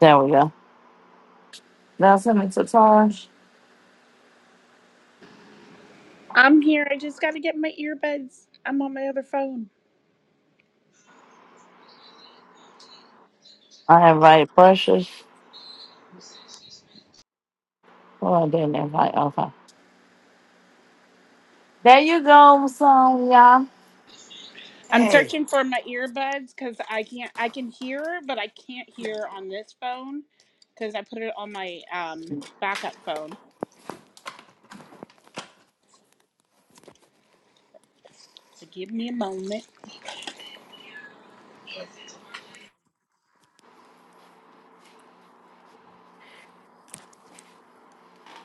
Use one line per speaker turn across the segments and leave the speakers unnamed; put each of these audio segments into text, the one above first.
There we go. Nelson and Sataj. I invite Precious. Oh, I didn't invite. Okay. There you go, son. Yeah.
Hey,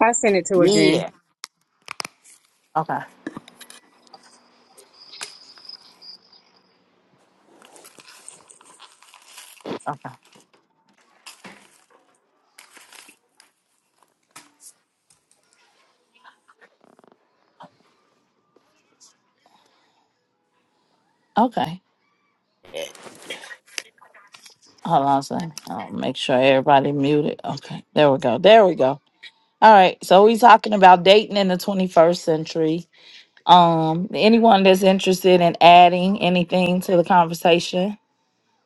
I sent it to her, Jen.
yeah.
Okay. Okay. Okay. Hold on a second. I'll make sure everybody muted. Okay. There we go. There we go. All right. So we talking about dating in the 21st century. Um, anyone that's interested in adding anything to the conversation,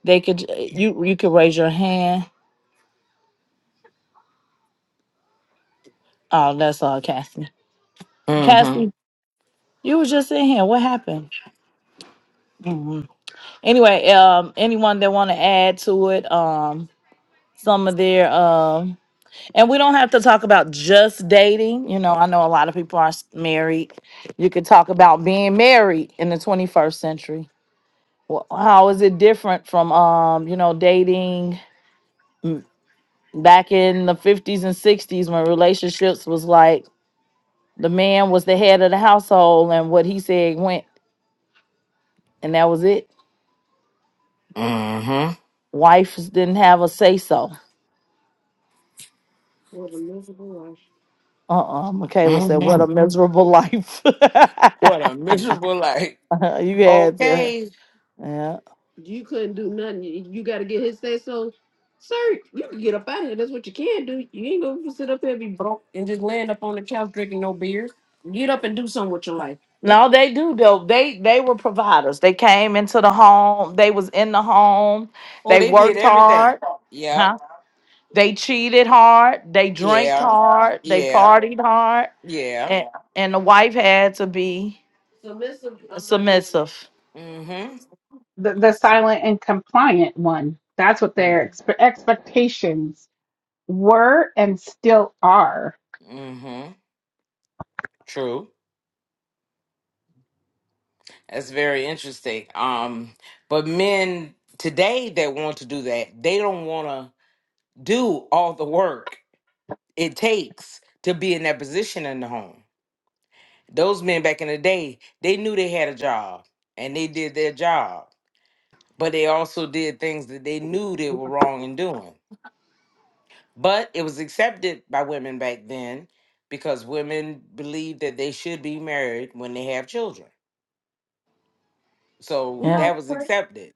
they could you you could raise your hand. Oh, that's all, Cassie.
Mm-hmm.
Cassie, you were just in here. What happened? anyway um anyone that want to add to it um some of their um and we don't have to talk about just dating you know i know a lot of people are s- married you could talk about being married in the 21st century well, how is it different from um you know dating mm, back in the 50s and 60s when relationships was like the man was the head of the household and what he said went and that was it
Mm-hmm.
wives didn't have a say so Uh-uh, Michaela said, "What
Mm-hmm.
a miserable life." you
What a miserable life.
had to,
Okay.
yeah. No, they do though. They they were providers. They came into the home. They was in the home.
Oh,
They
they did
worked
everything.
hard.
Yep.
Huh? They cheated hard. They drank
Yeah.
hard. They
Yeah.
partied hard.
Yeah.
And and the wife had to be submissive. Submissive.
Mm-hmm. Mm-hmm. True. That's very interesting. Um, but men today that want to do that, they don't want to do all the work it takes to be in that position in the home. Those men back in the day, they knew they had a job and they did their job, but they also did things that they knew they were wrong in doing. But it was accepted by women back then because women believed that they should be married when they have children. So
Yeah.
that was accepted.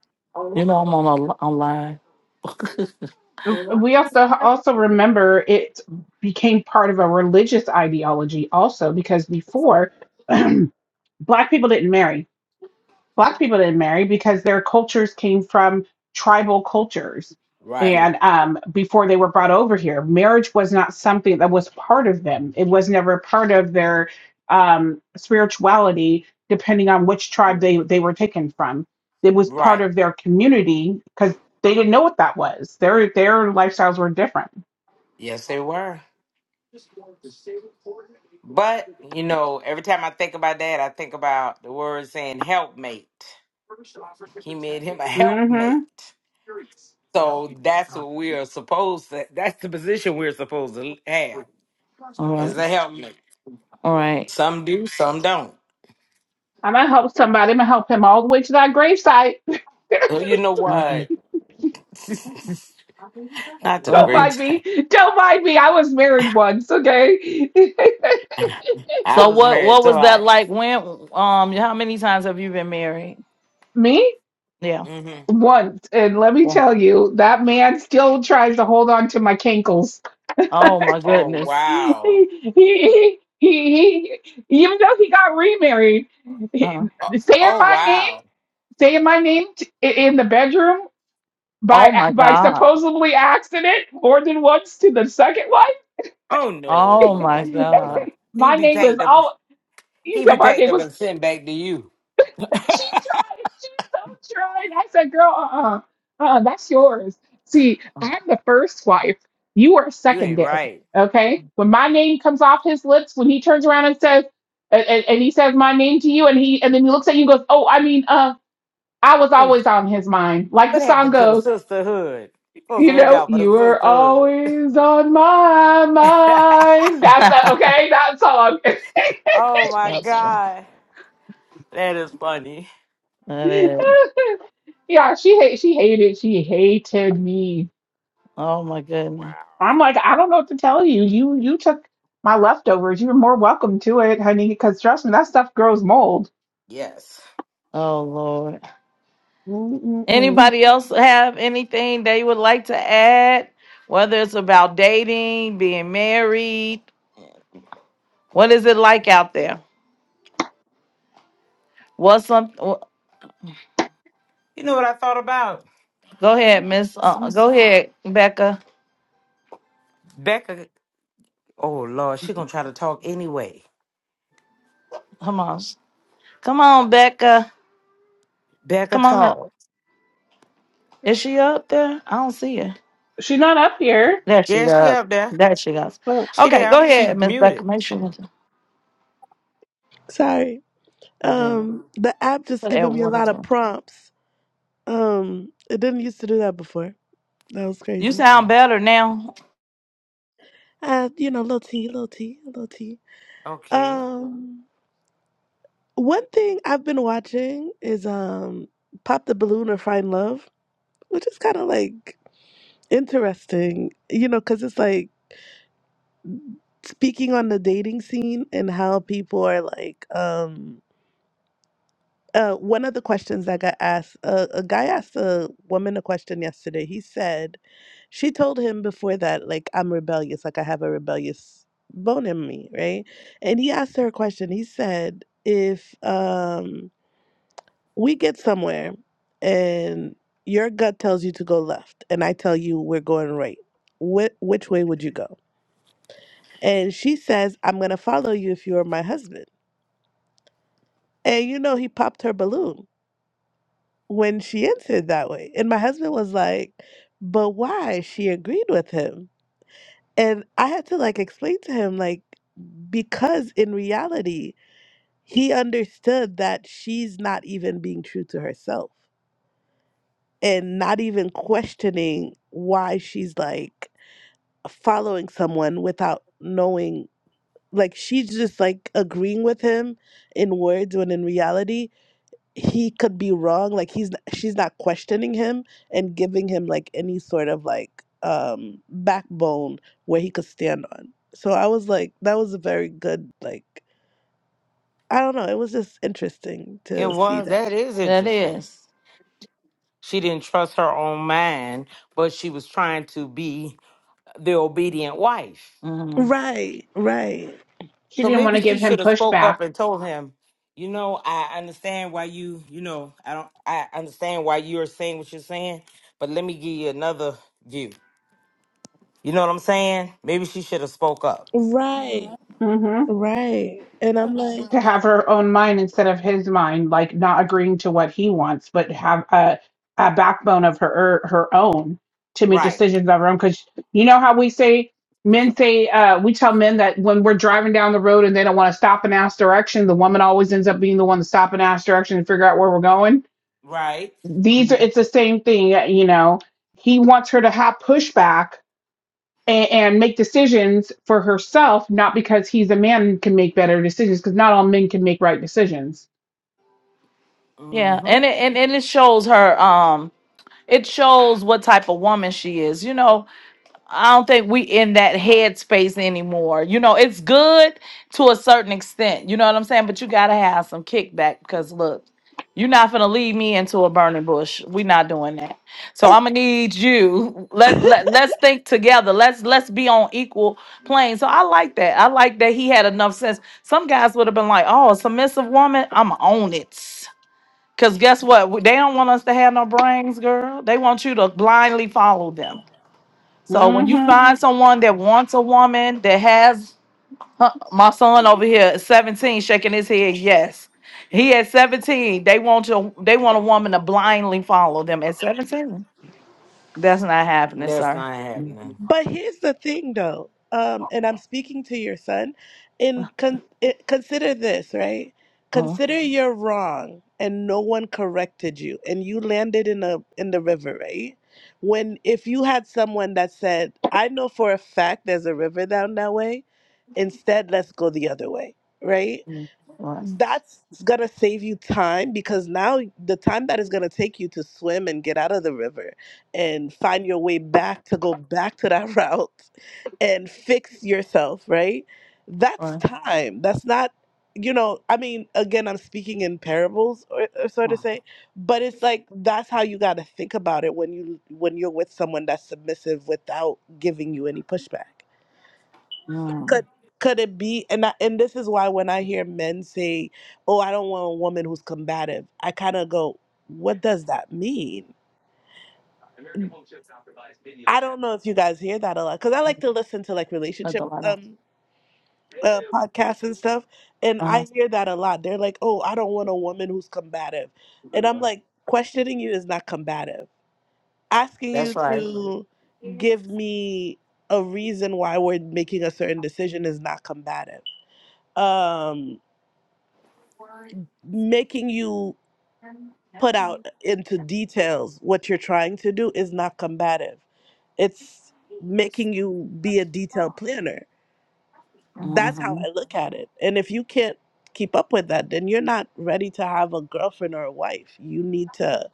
You know I'm on a on
we have to also remember it became part of a religious ideology also because before black people didn't marry black people didn't marry because their cultures came from tribal cultures
Right.
and um, before they were brought over here marriage was not something that was part of them it was never part of their um, spirituality depending on which tribe they, they were taken from it was part
Right.
of their community because they didn't know what that was their their lifestyles were different
Yes, they were. But, you know, every time I think about that, I think about the word saying helpmate. He made him a
hmm
helpmate. So that's what we are supposed to. That's the position we're supposed to have
All
as
right.
a helpmate.
All right.
Some do, some don't.
i'm gonna help somebody i'm gonna help him all the way to that gravesite
Well, you know what? Not to the
Don't
Uh-uh.
mind
great.
me. Don't mind me. I was married once, okay?
I
So
was
what
married
what was that
twice.
like when um how many times have you been married?
me?
Yeah.
Mm-hmm.
Once. And let me
Yeah.
tell you, that man still tries to hold on to my cankles.
Oh my
Oh
goodness.
he,
wow.
he, he, he, he, even though he got remarried, he,
Uh,
Oh,
saying
oh
my name,
wow.
saying my name t- i- in the bedroom
oh
by
my
by
God.
supposedly accident more than once to the second
Oh no,
Oh
no,
my
no, no,
wife.
no. no.
God.
He
my
be
name was
packed up.
all. You
He
know,
be
my
packed
name
up
was
and sent back to you.
she tried. She's so tried. I said, girl, uh-uh. Uh-uh, that's yours. See, I'm the first wife. You are
You ain't
secondary.
right.
Okay? When my name comes off his lips, when he turns around and says, and, and, and he says my name to you, and he and then he looks at you and goes, Oh, I mean, uh, I was
What,
always on his mind. Like the
what
song
happened to the
goes,
sisterhood? You supposed
you
to look
know,
out for
you were
the
always on my
sisterhood.
mind. That's that, okay, that song.
Oh my
That's one.
God. That is funny.
That is.
Yeah, she hate she hated she hated me.
Oh my
Wow.
goodness.
I'm like, I don't know what to tell you. You you took my leftovers. You're more welcome to it, honey, because trust me, that stuff grows mold.
Yes.
Oh Lord.
Mm-mm-mm.
Anybody else have anything they would like to add? Whether it's about dating, being married, what is it like out there? What's some? wh-
You know what I thought about?
Go ahead, Miss. Uh, go ahead, Becca.
Becca. Oh Lord, she gonna try to talk anyway.
Come on, come on, Becca.
Becca
Come on up.
talk.
Is she up there? I don't see her.
She's not up here.
There she
Yeah, she
goes.
up there.
There she goes.
But
She
Okay,
there.
go
She
ahead, Miss Becca.
muted.
Make sure you
Sorry.
and then
Um, the app just
put that
giving me a
water
lot
to.
of
her.
prompts. Um, it didn't used to do that before. That was
You
crazy.
sound
Mm,
better now.
Uh, you know, little T, little T, little T.
okay.
Um, one thing I've been watching is um, Pop the Balloon or Find Love, which is kind of like interesting, you know, because it's like speaking on the dating scene and how people are like, um, Uh, one of the questions that got asked, uh, a guy asked a woman a question yesterday. He said, she told him before that, like, I'm rebellious, like I have a rebellious bone in me, right? And he asked her a question. He said, if um, we get somewhere and your gut tells you to go left, and I tell you we're going right, wh- which way would you go? And she says, I'm going to follow you if you are my husband. And you know, he popped her balloon when she answered that way. And my husband was like, but why? She agreed with him. And I had to like explain to him, like, because in reality, he understood that she's not even being true to herself and not even questioning why she's like following someone without knowing. Like, she's just like agreeing with him in words when in reality he could be wrong like he's she's not questioning him and giving him like any sort of like um backbone where he could stand on so i was like that was a very good like i don't know it was just interesting
It
to see
was
that
that is
That
interesting.
is.
She didn't trust her own mind, but she was trying to be the obedient wife.
Mhm,
right right
she
So
didn't want
maybe
to
she
give him
should have spoke
pushback.
up and told him, you know, I understand why you, you know, I don't, I understand why you're saying what you're saying, but let me give you another view. You know what I'm saying? Maybe she should have spoke up.
right
hmm
right and i'm like
to have her own mind instead of his mind, like not agreeing to what he wants, but have a, a backbone of her er, her own to make
Right.
decisions of her own. Because you know how we say men say uh, we tell men that when we're driving down the road and they don't want to stop and ask direction, the woman always ends up being the one to stop and ask direction and figure out where we're going.
Right.
These are
mhm.
it's the same thing, you know. He wants her to have pushback and, and make decisions for herself, not because he's a man and can make better decisions, because not all men can make right decisions.
Yeah,
Mm-hmm.
and it and, and it shows her um it shows what type of woman she is. You know, I don't think we in that headspace anymore. You know, it's good to a certain extent. You know what I'm saying? But you gotta have some kickback because look, you're not gonna lead me into a burning bush. We're not doing that. So I'm gonna need you. Let let let's think together. Let's let's be on equal plane. So I like that. I like that he had enough sense. Some guys would have been like, "Oh, a submissive woman, I'm on it." Cause guess what? They don't want us to have no brains, girl. They want you to blindly follow them. So when you
hmm
find someone that wants a woman that has huh, my son over here at 17 shaking his head, yes. He at 17, they want to they want a woman to blindly follow them at 17. That's not happening,
That's
sir.
not happening.
But here's the thing, though, um, and I'm speaking to your son. In con- it, consider this, right?
Oh,
Consider you're wrong, and no one corrected you, and you landed in a in the river, right? When if you had someone that said, "I know for a fact there's a river down that way," instead, let's go the other way, right?
mm, right,
that's gonna save you time because now the time that is gonna take you to swim and get out of the river and find your way back to go back to that route and fix yourself, right? That's
right,
time. That's not, you know, I mean, again, I'm speaking in parables or, or so to
oh,
say, but it's like that's how you gotta think about it when you when you're with someone that's submissive without giving you any pushback could
mm,
could it be and I, and this is why when I hear men say, "Oh, I don't want a woman who's combative," I kind of go, "What does that mean?" I don't know if you guys hear that a lot because I like to listen to like
cut the
relationship
light off.
um uh, podcasts and stuff, and
Uh-huh,
I hear that a lot. They're like, "Oh, I don't want a woman who's combative," and I'm like, questioning you is not combative. Asking
That's
you
right.
to give me a reason why we're making a certain decision is not combative. Um, making you put out into details what you're trying to do is not combative. It's making you be a detailed planner. That's how
mhm.
I look at it. And if you can't keep up with that, then you're not ready to have a girlfriend or a wife. You need to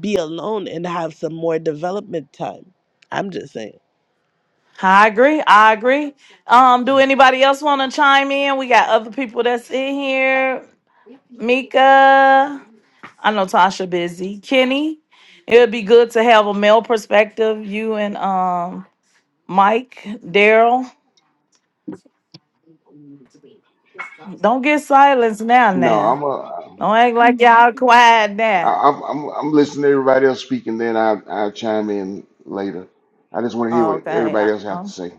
be alone and have some more development time. I'm just saying.
I agree. I agree. Um, do anybody else want to chime in? We got other people that's in here. Mika. I know Tasha busy. Kenny, it would be good to have a male perspective. You and um Mike, Daryl. Don't get silenced now.
No, I'm
Now,
a,
don't act like y'all quiet now.
I, I'm I'm I'm listening to everybody else speak, and then I I chime in later. I just want to hear what
Okay.
everybody
I,
else have to
oh,
say.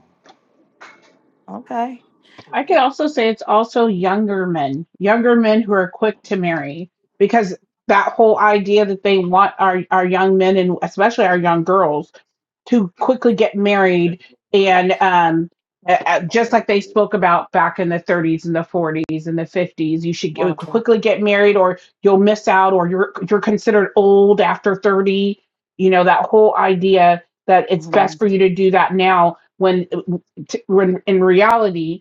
okay.
I could also say it's also younger men, younger men who are quick to marry, because that whole idea that they want our our young men and especially our young girls to quickly get married and um uh, uh, just like they spoke about back in the 30s and the 40s and the 50s you should
One
g-
o'clock.
quickly get married or you'll miss out or you're you're considered old after 30 you know that whole idea that it's best
Mhm.
for you to do that now when t- when in reality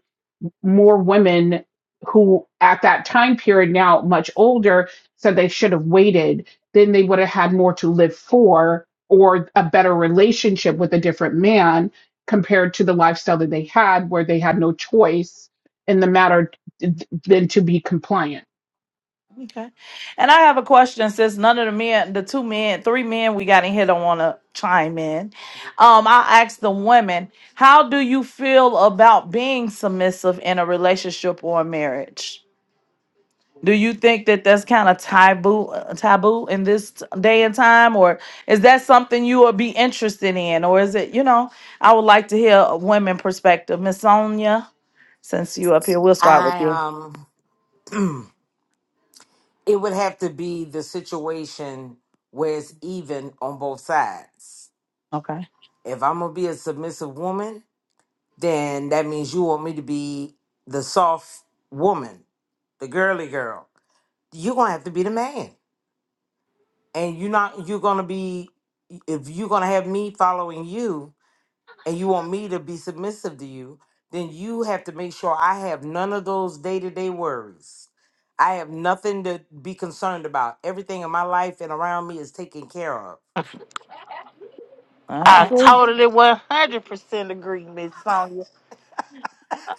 more women who at that time period now much older said they should have waited then they would have had more to live for or a better relationship with a different man compared to the lifestyle that they had where they had no choice in the matter than to be compliant.
Okay. And I have a question since none of the men, the two men, three men we got in here don't want to chime in. Um, I asked the women, how do you feel about being submissive in a relationship or a marriage? Do you think that that's kind of taboo uh, taboo in this t- day and time or is that something you would be interested in or is it, you know, I would like to hear a women perspective. Miss Sonia, since you up here, we'll start with
I
you.
um, it would have to be the situation where it's even on both sides.
Okay.
If I'm gonna be a submissive woman, then that means you want me to be the soft woman, the girly girl. You're gonna have to be the man, and you're not. You're gonna be if you're gonna have me following you, and you want me to be submissive to you. Then you have to make sure I have none of those day to day worries. I have nothing to be concerned about. Everything in my life and around me is taken care of.
I
I
agree.
totally one hundred percent agree, Miss Sonia.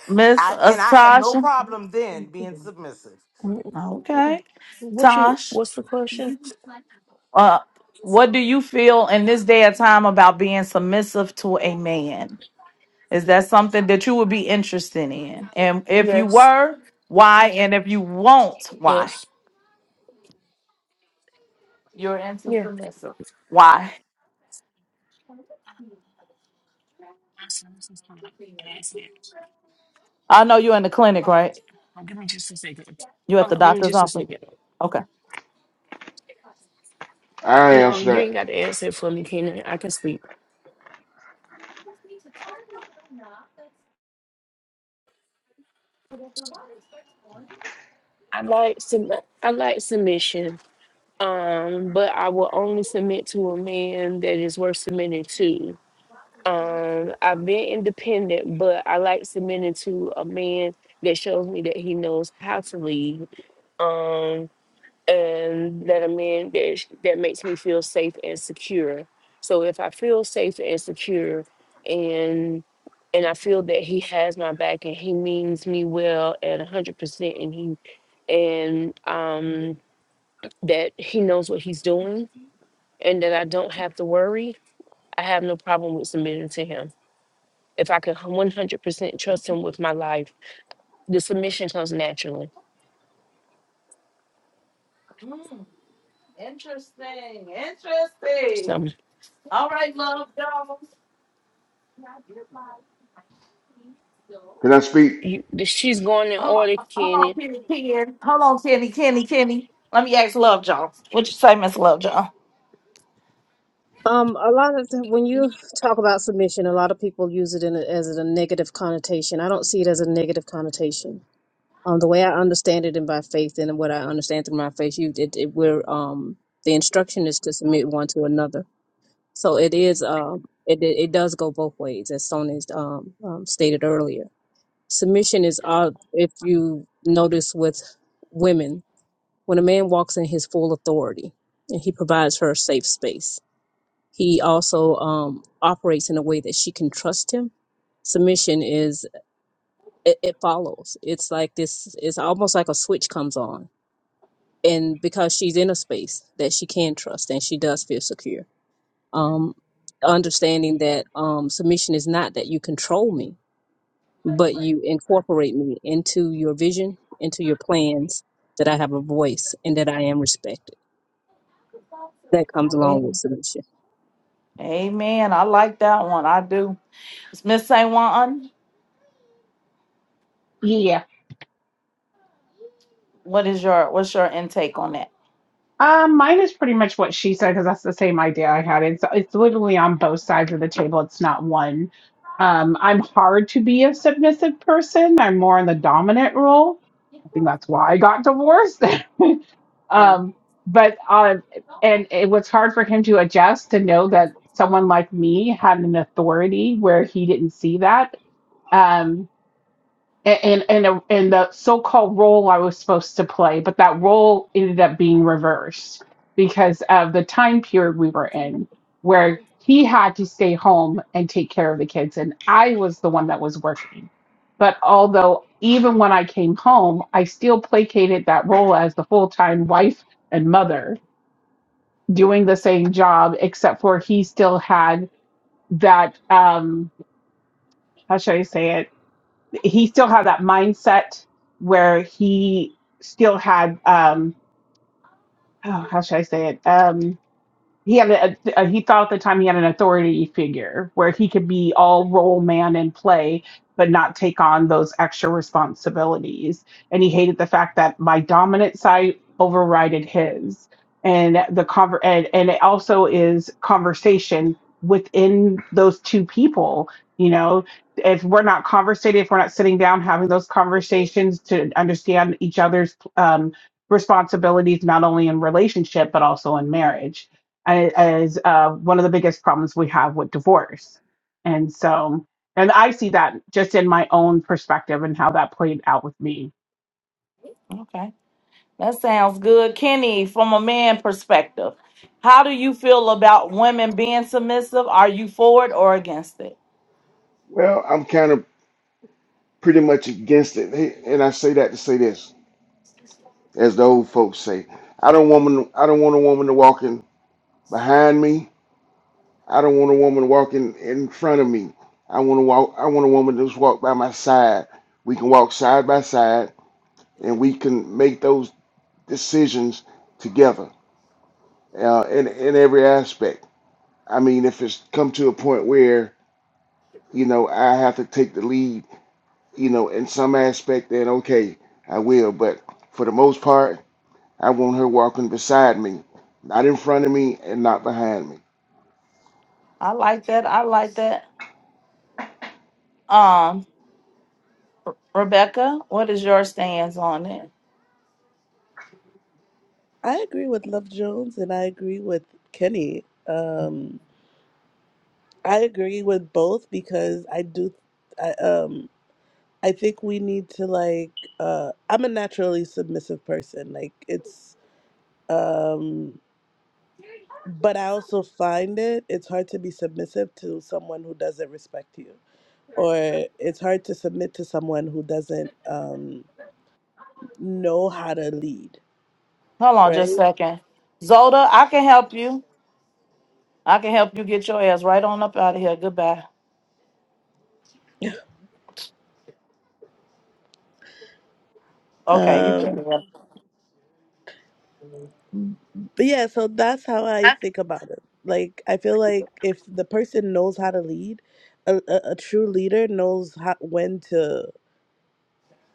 Miss
I, and I have no
Tasha.
problem then being submissive.
Mm,
Okay.
What you?
Tosh,
What's the question?
uh what do you feel in this day and time about being submissive to a man? Is that something that you would be interested in? And if you
Yes.
were, why? And if you won't, why?
Yes. Yeah.
Why?
Awesome.
I know you're in the clinic, right?
Oh, Give me just a second.
You at the
Hold on. Give me
doctor's
just a
office.
second.
Okay.
I
No,
answer
you ain't
that.
got to answer it for me, Kenan. I can speak. I like sub- I like submission. Um, but I will only submit to a man that is worth submitting to. Um, I've been independent, but I like submitting to a man that shows me that he knows how to lead. Um, and that a man that that makes me feel safe and secure. So if I feel safe and secure, and and I feel that he has my back and he means me well at a hundred percent, and he and um that he knows what he's doing, and that I don't have to worry, I have no problem with submitting to him. If I can one hundred percent trust him with my life, the submission comes naturally.
Mm, interesting. Interesting.
So
All right, love Jones.
Can I speak?
you, she's going in
Hold on.
order,
Hold on,
Kenny.
Kenny Ken. Hold on, Kenny, Kenny, Kenny. Let me ask Love Jones. What you say, Miss Love Jones?
Um, a lot of the, when you talk about submission, a lot of people use it in a, as a negative connotation. I don't see it as a negative connotation. Um, the way I understand it, and by faith, and what I understand through my faith, you it, it we're um the instruction is to submit one to another. So it is um it it, it does go both ways, as Sonya's um, um stated earlier. Submission is uh if you notice with women, when a man walks in his full authority and he provides her a safe space He also um, operates in a way that she can trust him. Submission is it, it follows. It's like this. It's almost like a switch comes on, and because she's in a space that she can trust and she does feel secure. Um, understanding that um, submission is not that you control me, but you incorporate me into your vision, into your plans. That I have a voice and that I am respected that comes along with
Amen.
submission.
Amen. I like that one. I do. Miss Saint Juan,
Yeah.
what is your what's your intake on that?
Um, mine is pretty much what she said because that's the same idea I had. It's it's literally on both sides of the table. It's not one. Um, I'm hard to be a submissive person. I'm more in the dominant role. I think that's why I got divorced.
one?
um, but uh, and it was hard for him to adjust to know that someone like me had an authority where he didn't see that. Um, a- and and a- and the so-called role I was supposed to play, but that role ended up being reversed because of the time period we were in, where he had to stay home and take care of the kids, and I was the one that was working. But although even when I came home, I still placated that role as the full-time wife and mother, doing the same job, except for he still had that um, how should I say it? he still had that mindset where he still had um oh, how should I say it? Um he had a, a he thought at the time he had an authority figure where he could be all role man and play but not take on those extra responsibilities and he hated the fact that my dominant side overrided his and the conver- and, and it also is conversation within those two people you know if we're not conversating if we're not sitting down having those conversations to understand each other's um, responsibilities not only in relationship but also in marriage as uh, one of the biggest problems we have with divorce. And so, and I see that just in my own perspective and how that played out with me.
Okay. That sounds good. Kenny, from a man perspective, how do you feel about women being submissive? Are you for it or against it?
Well, I'm kind of pretty much against it, Hey, and I say that to say this, as the old folks say. I don't woman. I don't want a woman to walking behind me. I don't want a woman walking in front of me. I want to walk. I want a woman to just walk by my side. We can walk side by side, and we can make those decisions together uh, in in every aspect. I mean, if it's come to a point where you know I have to take the lead, you know, in some aspect, then okay, I will. But for the most part, I want her walking beside me, not in front of me and not behind me.
I like that. I like that. Um, Rebecca, what is your stance on it?
I agree with Love Jones and I agree with Kenny. Um, I agree with both because I do. I, um, I think we need to like. Uh, I'm a naturally submissive person. Like it's. Um, but I also find it it's hard to be submissive to someone who doesn't respect you, or it's hard to submit to someone who doesn't um, know how to lead.
Hold on
Right.
just a second. Zoda, I can help you. I can help you get your ass right on up out of here. Goodbye. Okay, you
Um,
good.
But yeah, so that's how I think about it. Like, I feel like if the person knows how to lead, a, a, a true leader knows how, when to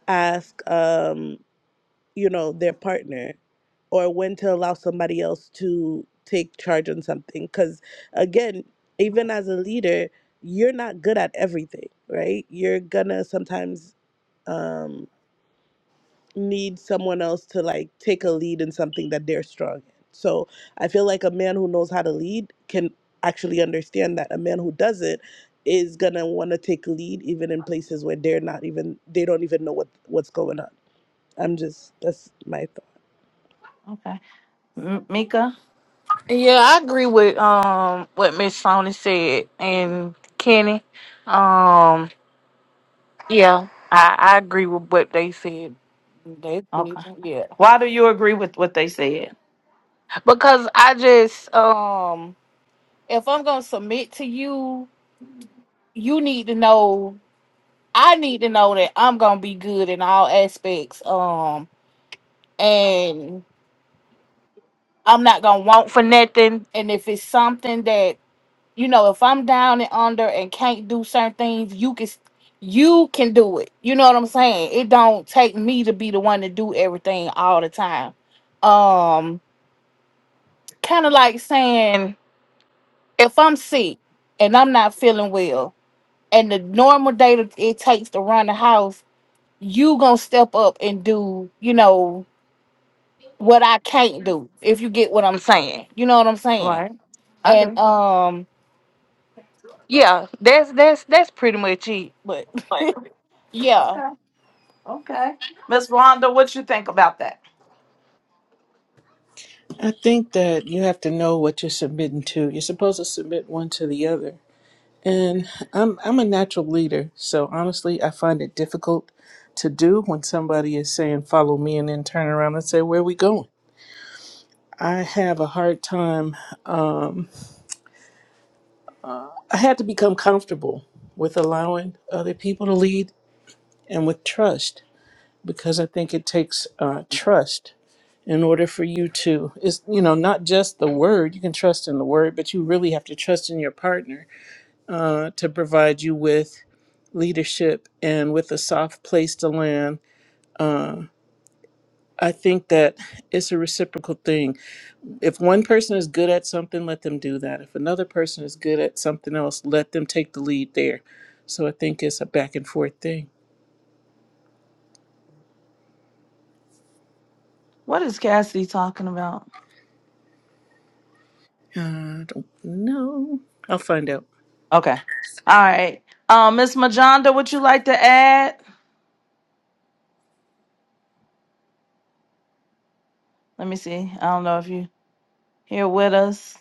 ask, um, you know, their partner or when to allow somebody else to take charge on something. Because again, even as a leader, you're not good at everything, right? You're gonna sometimes. um, need someone else to like take a lead in something that they're strong in. So I feel like a man who knows how to lead can actually understand that a man who doesn't is gonna want to take lead even in places where they're not even they don't even know what what's going on. I'm just that's my thought.
Okay. M- Mika?
Yeah, I agree with um what Miss Sonia said and Kenny. Um, yeah, I, I agree with what they said. They said,
Okay.
yeah,
Why do you agree with what they said?
because I just um if I'm gonna submit to you, you need to know. I need to know that I'm gonna be good in all aspects. Um, and I'm not gonna want for nothing. And if it's something that you know, if I'm down and under and can't do certain things, you can you can do it. You know what I'm saying? It don't take me to be the one to do everything all the time. Um kind of like saying if I'm sick and I'm not feeling well and the normal day that it takes to run the house, you going to step up and do, you know, what I can't do. If you get what I'm saying. You know what I'm saying?
Right. I
And
do.
um yeah, that's that's that's pretty much it. But yeah
Okay. Okay. Miss Rhonda, what you think about that?
I think that you have to know what you're submitting to. You're supposed to submit one to the other. And I'm I'm a natural leader, so honestly, I find it difficult to do when somebody is saying follow me and then turn around and say where are we going? I have a hard time. I had to become comfortable with allowing other people to lead and with trust because I think it takes uh, trust in order for you to is you know not just the word you can trust in the word but you really have to trust in your partner uh, to provide you with leadership and with a soft place to land. I think that it's a reciprocal thing. If one person is good at something, let them do that. If another person is good at something else, let them take the lead there. So I think it's a back and forth thing.
What is Cassidy talking about?
Uh, I don't know. I'll find out.
Okay. All right. Um, Miss Majanda, would you like to add? Let me see. I don't know if you here with us.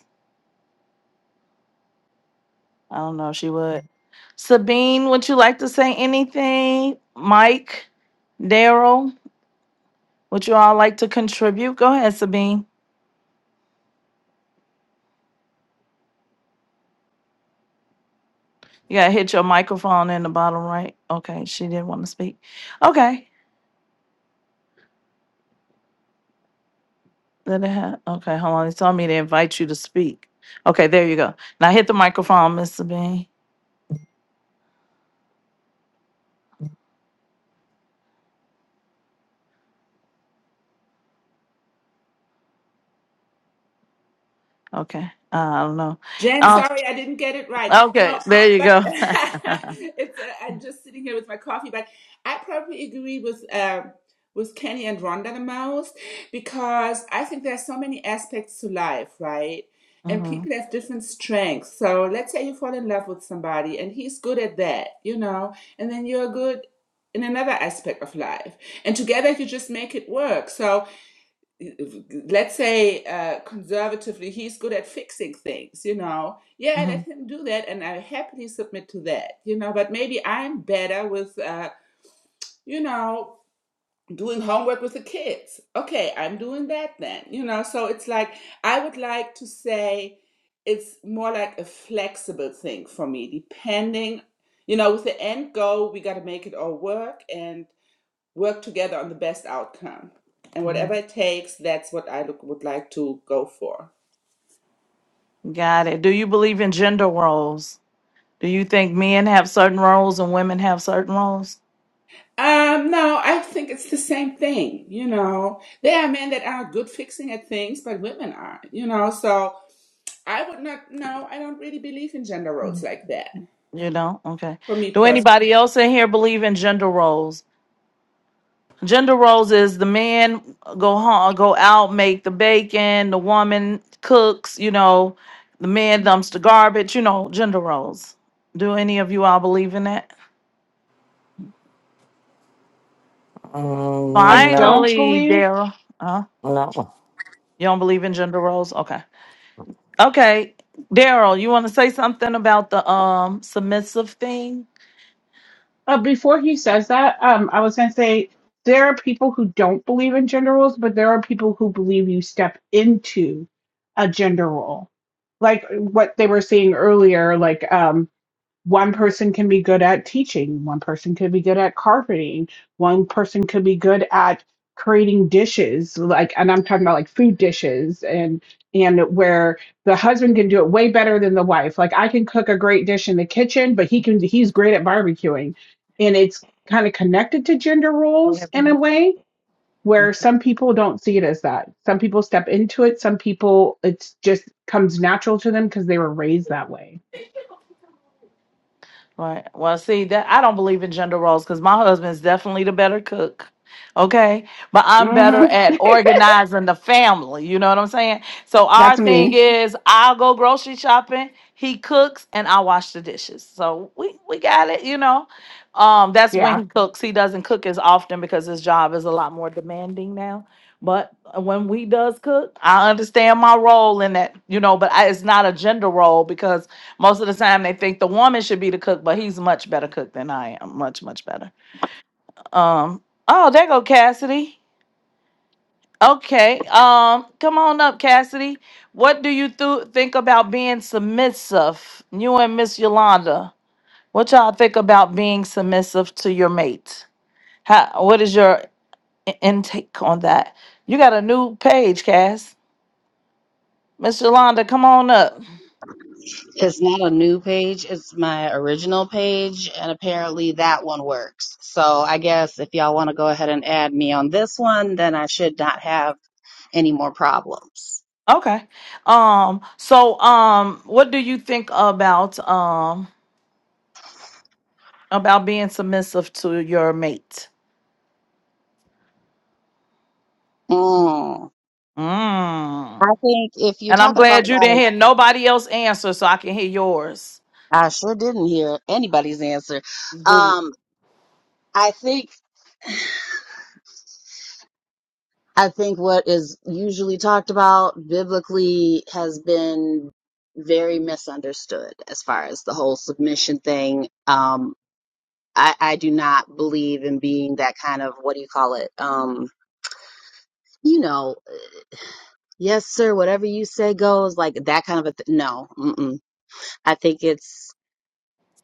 I don't know if she would. Sabine, would you like to say anything? Mike, Daryl, would you all like to contribute? Go ahead, Sabine. You gotta hit your microphone in the bottom right. Okay, she didn't want to speak. Okay. Did it have, okay, hold on, it's telling me to invite you to speak. Okay, there you go. Now hit the microphone, Mr. Bean. Okay, uh, I don't know.
Jen,
Um,
sorry, I didn't get it right. No,
okay, there you
but
go.
it's uh, I'm just sitting here with my coffee. But I probably agree with um with Kenny and Rhonda the most because I think there are so many aspects to life, right? And
Mhm,
people have different strengths. So let's say you fall in love with somebody and he's good at that, you know, and then you're good in another aspect of life, and together you just make it work. So let's say uh, conservatively he's good at fixing things you know yeah let
mhm,
him do that and i happily submit to that you know but maybe i'm better with uh, you know doing homework with the kids okay i'm doing that then you know so it's like i would like to say it's more like a flexible thing for me depending you know with the end goal we got to make it all work and work together on the best outcome. And whatever
mhm.
it takes, that's what I look, would like to go for.
Got it. Do you believe in gender roles? Do you think men have certain roles and women have certain roles?
Um, no, I think it's the same thing. You know, there are men that are good fixing at things, but women aren't, you know, so I would not, no, I don't really believe in gender roles like that
You don't? Okay.
for me
Do
personally.
anybody else in here believe in gender roles? Gender roles is the man go home, go out, make the bacon, the woman cooks, you know, the man dumps the garbage, you know, gender roles. Do any of you all believe in that?
I
Mm, no,
don't
Finally,
believe
Daryl. Huh?
no.
You don't believe in gender roles? Okay. Okay. Daryl, you want to say something about the um submissive thing?
Uh, before he says that, um, I was gonna say there are people who don't believe in gender roles, but there are people who believe you step into a gender role, like what they were saying earlier. Like, um, one person can be good at teaching one person could be good at carpeting one person could be good at creating dishes like and i'm talking about like food dishes and and where the husband can do it way better than the wife like i can cook a great dish in the kitchen but he can he's great at barbecuing and it's kind of connected to gender roles in a way where some people don't see it as that some people step into it some people it's just comes natural to them because they were raised that way
Right. Well, see that I don't believe in gender roles because my husband's definitely the better cook. Okay. But I'm better
hmm
at organizing the family. You know what I'm saying? So our
That's
thing
me.
is I'll go grocery shopping, he cooks, and I wash the dishes. So we, we got it, you know. Um, that's when
Yeah.
he cooks. He doesn't cook as often because his job is a lot more demanding now. But uh, when we does cook, I understand my role in that, you know, but I, it's not a gender role because most of the time, they think the woman should be the cook, but he's much better cook than I am. Much, much better. Um. Oh, there go Cassidy. Okay. Um. Come on up, Cassidy. What do you th- think about being submissive? You and Miss Yolanda. What y'all think about being submissive to your mate? How? What is your in- intake on that? You got a new page, Cass. Miss Yolanda, come on up.
It's not a new page, it's my original page, and apparently that one works. So I guess if y'all want to go ahead and add me on this one, then I should not have any more problems.
Okay. Um. So, um, what do you think about um? about being submissive to your mate.
Mm. I
Mm.
think if you're
And I'm
talking about
glad you didn't
like,
hear nobody else answer, so I can hear yours.
I sure didn't hear anybody's answer. Um, I think I think what is usually talked about biblically has been very misunderstood as far as the whole submission thing. Um, I, I do not believe in being that kind of what do you call it? Um, you know, yes, sir, whatever you say goes, like that kind of a th- no. Mm-mm. I think it's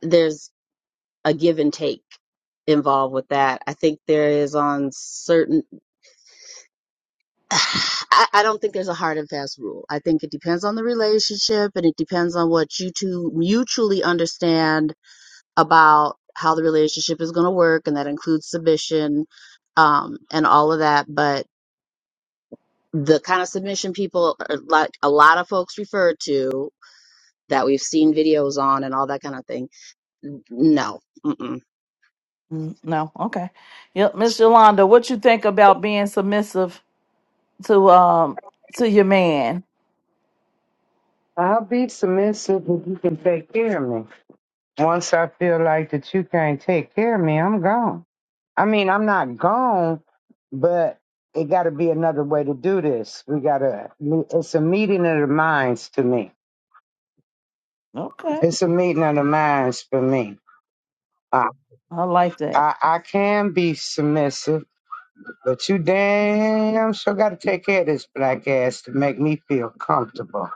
there's a give and take involved with that. I think there is on certain. I, I don't think there's a hard and fast rule. I think it depends on the relationship and it depends on what you two mutually understand about how the relationship is going to work, and that includes submission um, and all of that. But the kind of submission people uh, like a lot of folks refer to that we've seen videos on and all that kind of thing. No. Mm-mm.
Mm, No, okay. Yep, Miss Yolanda, what you think about being submissive to um to your man?
I'll be submissive if you can take care of me. Once I feel like that you can't take care of me, I'm gone. I mean, I'm not gone, but it got to be another way to do this. We got to, it's a meeting of the minds to me.
Okay,
It's a meeting of the minds for me. I,
I like that.
I, I can be submissive, but you damn sure got to take care of this black ass to make me feel comfortable.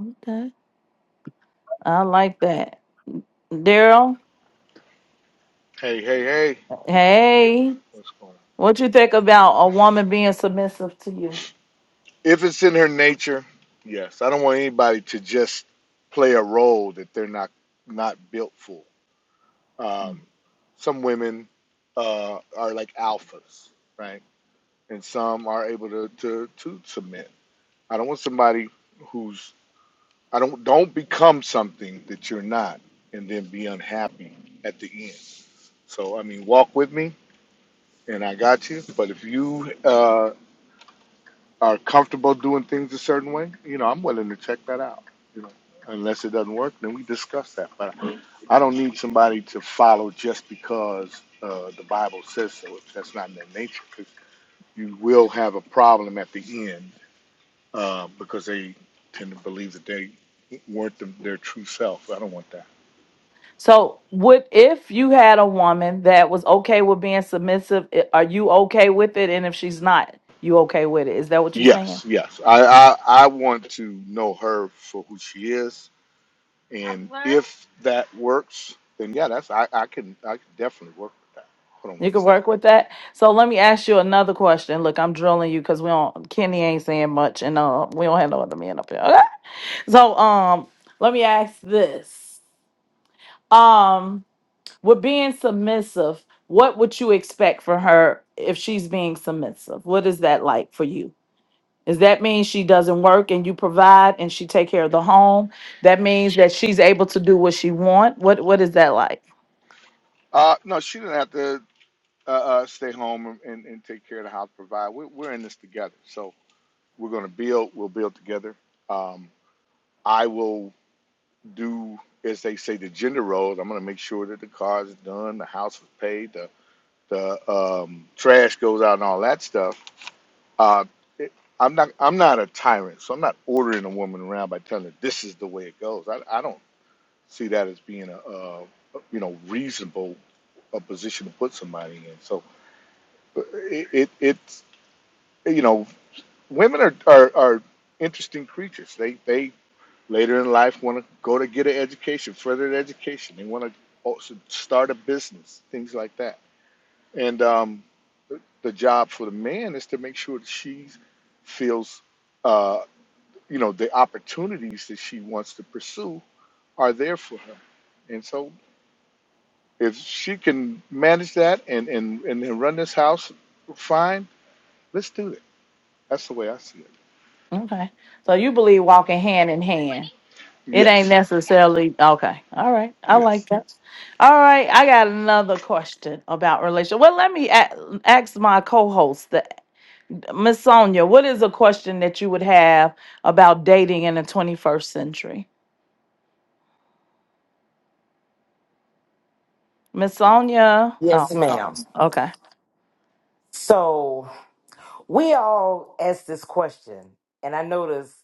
Okay, I like that. Daryl,
Hey, hey, hey.
hey,
What's going on?
what you think about a woman being submissive to you?
If it's in her nature, yes. I don't want anybody to just play a role that they're not not built for. Um, some women uh, are like alphas, right? And some are able to, to to submit. I don't want somebody who's I don't don't become something that you're not and then be unhappy at the end. So I mean, walk with me, and I got you. But if you uh, are comfortable doing things a certain way, you know, I'm willing to check that out. You know, unless it doesn't work, then we discuss that. But I don't need somebody to follow just because uh, the Bible says so. If that's not in their nature, 'cause you will have a problem at the end uh, because they tend to believe that they weren't the, their true self. I don't want that.
So, what if you had a woman that was okay with being submissive? i- Are you okay with it? And if she's not, you okay with it? Is that what you're saying?
Yes, yes. I, I I want to know her for who she is And What? if that works, then yeah, that's I, I can I can definitely work with that. Hold on
You
one
can
second.
work with that. So let me ask you another question. Look, I'm drilling you because we don't. Kenny ain't saying much, and uh, we don't have no other men up here. Okay. So, um, let me ask this. Um, with being submissive, what would you expect for her if she's being submissive? What is that like for you? Is that means she doesn't work and you provide and she take care of the home? That means that she's able to do what she want. What what is that like?
Uh, no, she didn't have to uh, uh, stay home and, and, and take care of the house. Provide. We're, we're in this together, so we're gonna build. We'll build together. Um, I will do as they say the gender roles. I'm gonna make sure that the car's done, the house is paid, the the um, trash goes out, and all that stuff. Uh, it, I'm not I'm not a tyrant, so I'm not ordering a woman around by telling her this is the way it goes. I, I don't see that as being a, a you know reasonable a position to put somebody in. So it, it it's you know women are, are are interesting creatures. They they later in life want to go to get an education, further their education. They want to also start a business, things like that. And um, the job for the man is to make sure that she feels uh, you know the opportunities that she wants to pursue are there for her. And so If she can manage that and, and, and, run this house fine, let's do it. That's the way I see it.
Okay. So you believe walking hand in hand. It ain't
Yes,
necessarily okay. All right. I
yes.
like that. All right. I got another question about relation. Well, let me a- ask my co-host, the- Miss Sonia. What is a question that you would have about dating in the 21st century? Miss Sonia. Oh,
Yes, ma'am.
okay.
So we all ask this question, and I notice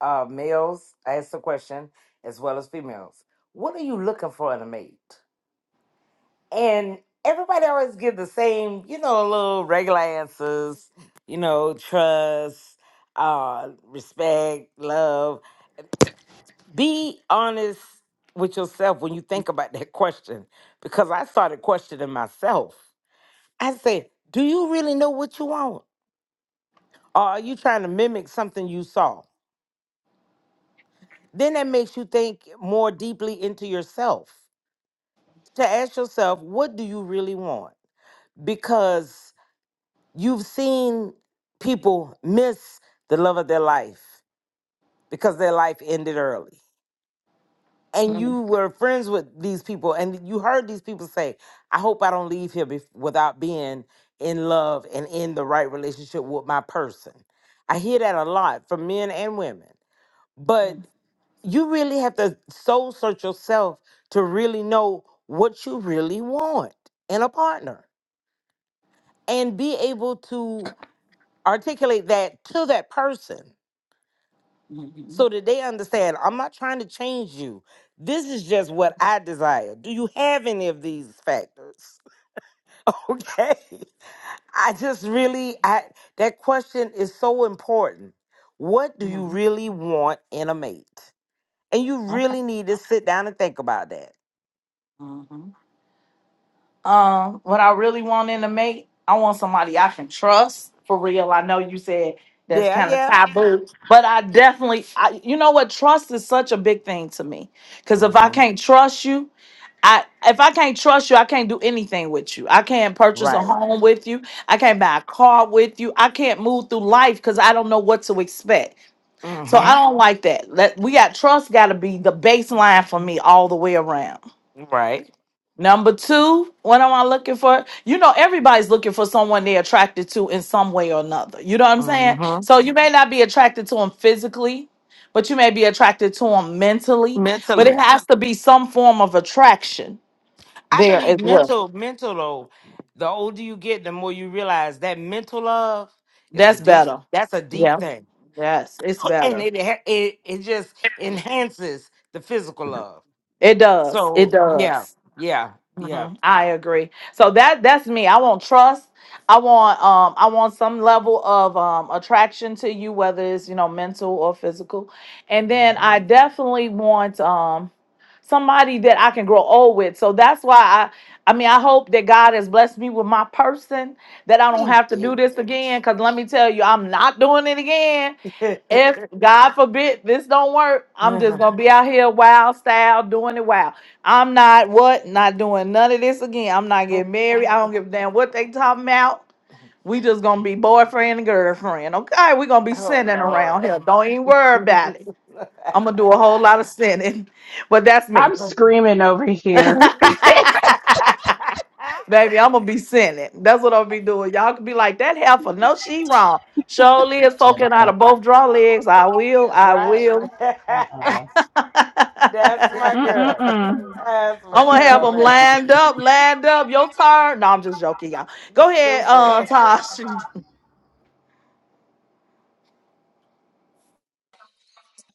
uh, males ask the question as well as females. What are you looking for in a mate? And everybody always give the same, you know, little regular answers. You know, trust, uh, respect, love. Be honest with yourself when you think about that question, because I started questioning myself. I said, "Do you really know what you want?" Or are you trying to mimic something you saw? Then that makes you think more deeply into yourself to ask yourself, what do you really want? Because you've seen people miss the love of their life because their life ended early. And you were friends with these people, and you heard these people say, I hope I don't leave here bef- without being in love and in the right relationship with my person. I hear that a lot from men and women. But you really have to soul search yourself to really know what you really want in a partner and be able to articulate that to that person so that they understand I'm not trying to change you. This is just what I desire. Do you have any of these factors? Okay. I just really I that question is so important. What do
Okay.
you really want in a mate? And you
Okay.
really need to sit down and think about that
hmm Um, what I really want in a mate, I want somebody I can trust for real. I know you said that's
Yeah,
kind of
yeah.
taboo, but I definitely, I, you know what, trust is such a big thing to me. Because if I
Mm-hmm.
can't trust you, I if I can't trust you, I can't do anything with you. I can't purchase a
Right.
home with you. I can't buy a car with you. I can't move through life because I don't know what to expect. So I
Mm-hmm.
don't like that. Let we got trust got to be the baseline for me all the way around.
Right.
Number two, what am I looking for? You know, everybody's looking for someone they're attracted to in some way or another. You know what I'm saying?
Mm-hmm.
So you may not be attracted to them physically, but you may be attracted to them mentally. But it
Mentally.
has to be some form of attraction
I
there
believe
as well.
mental, mental though, the older you get, the more you realize that mental love is a
That's
deep,
better.
that's a deep
Yeah.
thing.
Yes, it's
And
better.
it ha- it, it just enhances the physical love.
It does. It
So yeah,
does.
yeah, yeah.
hmm I agree. So that that's me. I want trust. I want um I want some level of um attraction to you, whether it's you know mental or physical, and then
hmm
I definitely want um somebody that I can grow old with. So that's why I I mean I hope that God has blessed me with my person that I
He
don't have to
did
do this again. Cause let me tell you, I'm not doing it again
that.
if God forbid this don't work, I'm just gonna be out here wild style doing it wild. I'm not what not doing none of this again. I'm not getting married. I don't give a damn what they talking about. We just gonna be boyfriend and girlfriend. Okay, we gonna be
oh
sinning around
Lord.
here. Don't even worry about it. I'm gonna do a whole lot of sinning, but that's me.
I'm screaming over here.
Baby, I'm gonna be sinning. That's what I'll be doing. Y'all could be like that heifer. No, she wrong. Surely is poking out of both draw legs. I will.
That's
I
right.
will.
That's my
I'm
girl.
Mm-mm-mm.
That's my
gonna have
girl,
them
Larry.
lined up, lined up. Your turn. No, I'm just joking, y'all.
You
Go ahead, uh,
stupid.
Tosh.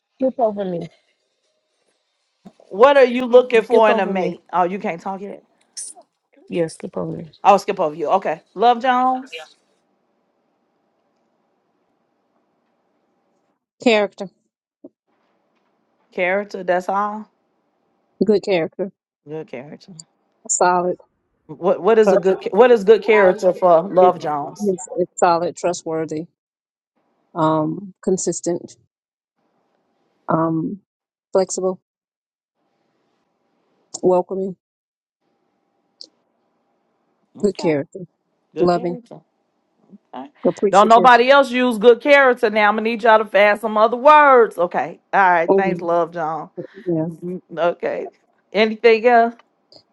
Skip over me.
What are you looking
Skip
for in a
over me.
mate? Oh, you can't talk yet.
Yes, skip over me.
I'll skip over you. Okay, Love Jones
Character,
character. That's all.
good character,
Good character.
solid,
What What is a good cha-
trustworthy,
What is good character for Love
It-
Jones?
it's, it's solid, trustworthy, um, consistent, um, flexible, welcoming, good
Okay,
character,
good
loving,
character. Okay. Don't
appreciative.
nobody else use good character now. I'm gonna need y'all to find some other words. Okay. All right. Thanks,
Mhm.
Love Jones. Mhm. Okay. Anything else?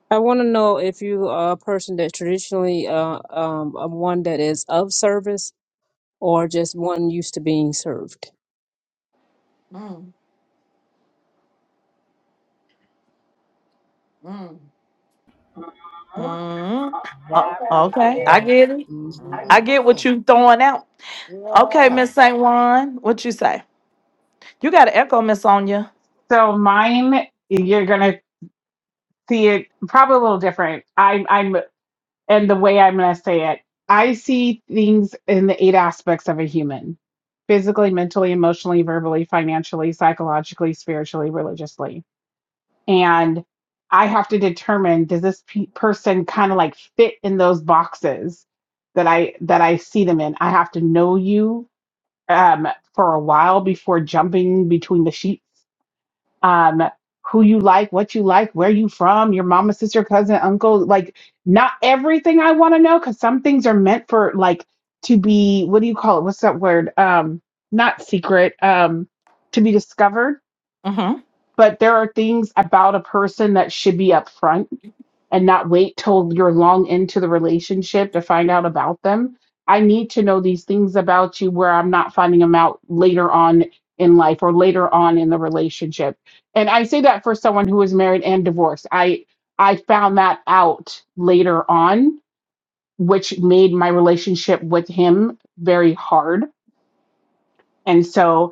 I want to know if you are a person that traditionally, uh, um, um, one that is of service or just one used to being served.
Mm, mm, mm. O- okay, I get it.
hmm
I get
hmm
what you throwing out. Okay,
Yeah.
Miss Saint Juan, what you say? You got an echo, Miss Sonia.
So mine, you're gonna see it probably a little different. I'm, I'm, and the way I'm gonna say it, I see things in the eight aspects of a human: physically, mentally, emotionally, verbally, financially, psychologically, spiritually, religiously. and I have to determine does this pe- person kind of like fit in those boxes that I that I see them in. I have to know you um, for a while before jumping between the sheets. Um, who you like, what you like, where you from, your mama, sister, cousin, uncle, like not everything I want to know because some things are meant for like to be what do you call it? What's that word? Um, not secret. Um, to be discovered
Mm-hmm.
but there are things about a person that should be upfront and not wait till you're long into the relationship to find out about them. I need to know these things about you where I'm not finding them out later on in life or later on in the relationship. And I say that for someone who is married and divorced. I I found that out later on, which made my relationship with him very hard. And so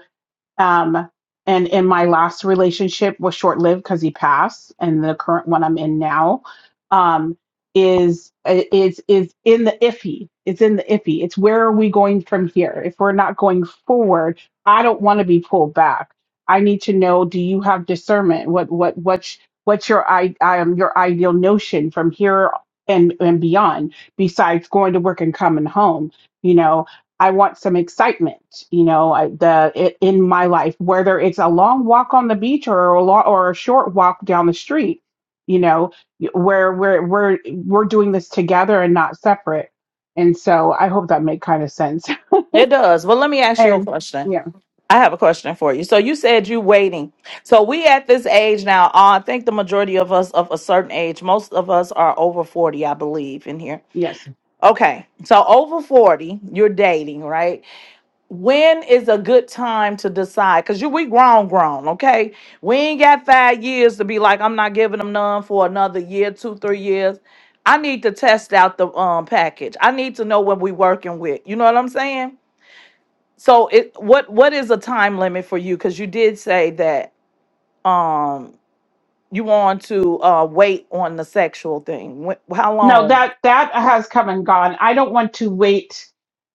um, and in my last relationship was short lived because he passed, and the current one I'm in now um, is is is in the iffy. It's in the iffy. It's where are we going from here? If we're not going forward, I don't want to be pulled back. I need to know: Do you have discernment? What what what's what's your i um, your ideal notion from here and and beyond? Besides going to work and coming home, you know I want some excitement, you know, I, the it, in my life, whether it's a long walk on the beach or a lo- or a short walk down the street, you know, where we're we're we're doing this together and not separate. And so I hope that made kind of sense.
It does. Well, let me ask you a
And
question.
yeah,
I have a question for you. So you said you waiting. So we at this age now. Uh, I think the majority of us of a certain age. Most of us are over forty, I believe, in here.
yes.
Okay, so over forty, you're dating, right? When is a good time to decide? Cause you we grown, grown, okay? We ain't got five years to be like, I'm not giving them none for another year, two, three years. I need to test out the um package. I need to know what we working with. You know what I'm saying? So it what what is a time limit for you? Cause you did say that um you want to uh wait on the sexual thing. When, how
No,
long?
that that has come and gone. I don't want to wait.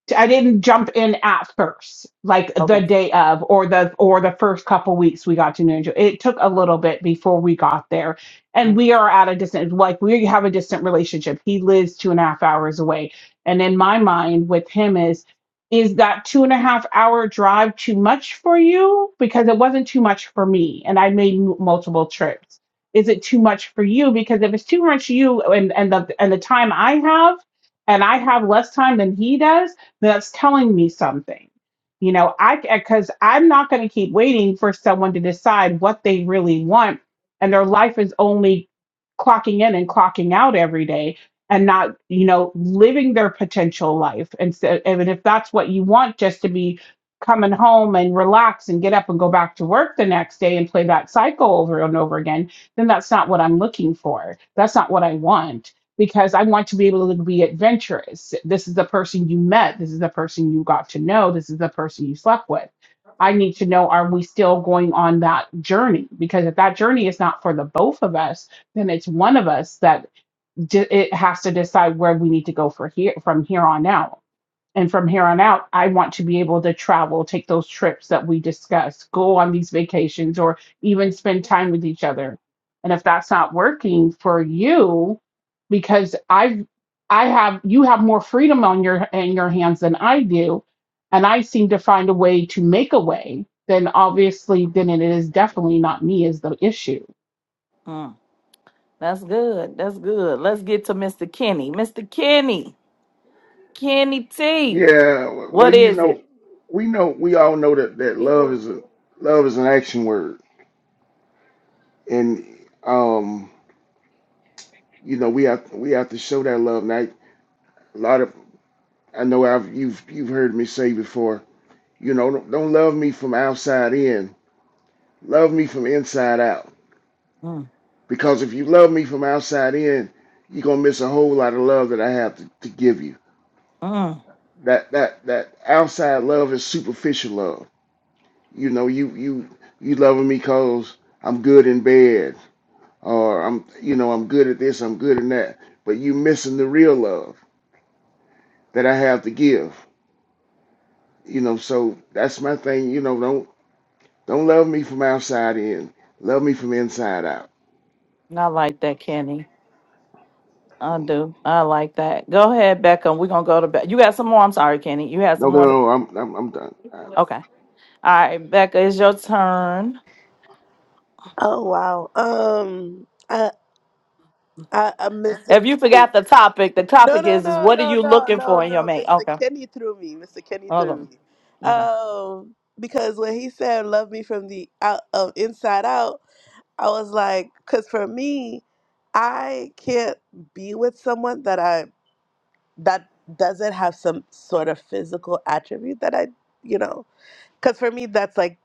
To, I didn't jump in at first, like the
Okay.
day of, or the or the first couple weeks we got to New Ninja. It took a little bit before we got there, and
Mm,
we are at a distant. Like we have a distant relationship. He lives two and a half hours away, and in my mind, with him is is that two and a half hour drive too much for you? Because it wasn't too much for me, and I made m- multiple trips is it too much for you? Because if it's too much for you and, and the and the time I have and I have less time than he does, then that's telling me something. You know, I because I'm not going to keep waiting for someone to decide what they really want and their life is only clocking in and clocking out every day and not, you know, living their potential life. And so, and if that's what you want just to be coming home and relax and get up and go back to work the next day and play that cycle over and over again then that's not what I'm looking for. That's not what I want because I want to be able to be adventurous. This is the person you met. This is the person you got to know. This is the person you slept with. I need to know are we still going on that journey? Because if that journey is not for the both of us, then it's one of us that d- it has to decide where we need to go for here from here on out and from here on out, I want to be able to travel, take those trips that we discuss, go on these vacations, or even spend time with each other. And if that's not working for you, because I've I have you have more freedom on your in your hands than I do, and I seem to find a way to make a way, then obviously then it is definitely not me is the issue.
mm. That's good. That's good. Let's get to Mr. Kenny. Mr. Kenny. Kenny T.
Yeah, well,
What
you
is
know,
it?
we know we all know that that love is a love is an action word, and um, you know, we have we have to show that love. Now, a lot of I know I've you've you've heard me say before You know, don't don't love me from outside in. Love me from inside out.
Mm,
Because if you love me from outside in, you're gonna miss a whole lot of love that I have to, to give you.
mm.
That that that outside love is superficial love. You know, you you you loving me cause I'm good in bed, or I'm you know I'm good at this, I'm good in that. But you missing the real love that I have to give. You know, so that's my thing. You know, don't don't love me from outside in. Love me from inside out.
I like that, Kenny. I do. I like that. Go ahead, Becca. We're gonna go to Becca. You got some more. I'm sorry, Kenny. You had
No,
some
no,
more. To-
no, I'm, I'm, I'm done. All right.
okay. All right, Becca, it's your turn.
Oh wow. Um. I, I Mr.
If you
Kenny.
forgot the topic, the
No,
topic
no,
is is
no,
what are
no,
you
no,
looking
no,
for in your
no.
mate?
Mr.
Okay.
Kenny threw me. Mr. Kenny threw
Welcome.
me.
Okay.
Um, because when he said "love me from the out, um, inside out," I was like, because for me, I can't be with someone that I that doesn't have some sort of physical attribute that I, you know, because for me that's like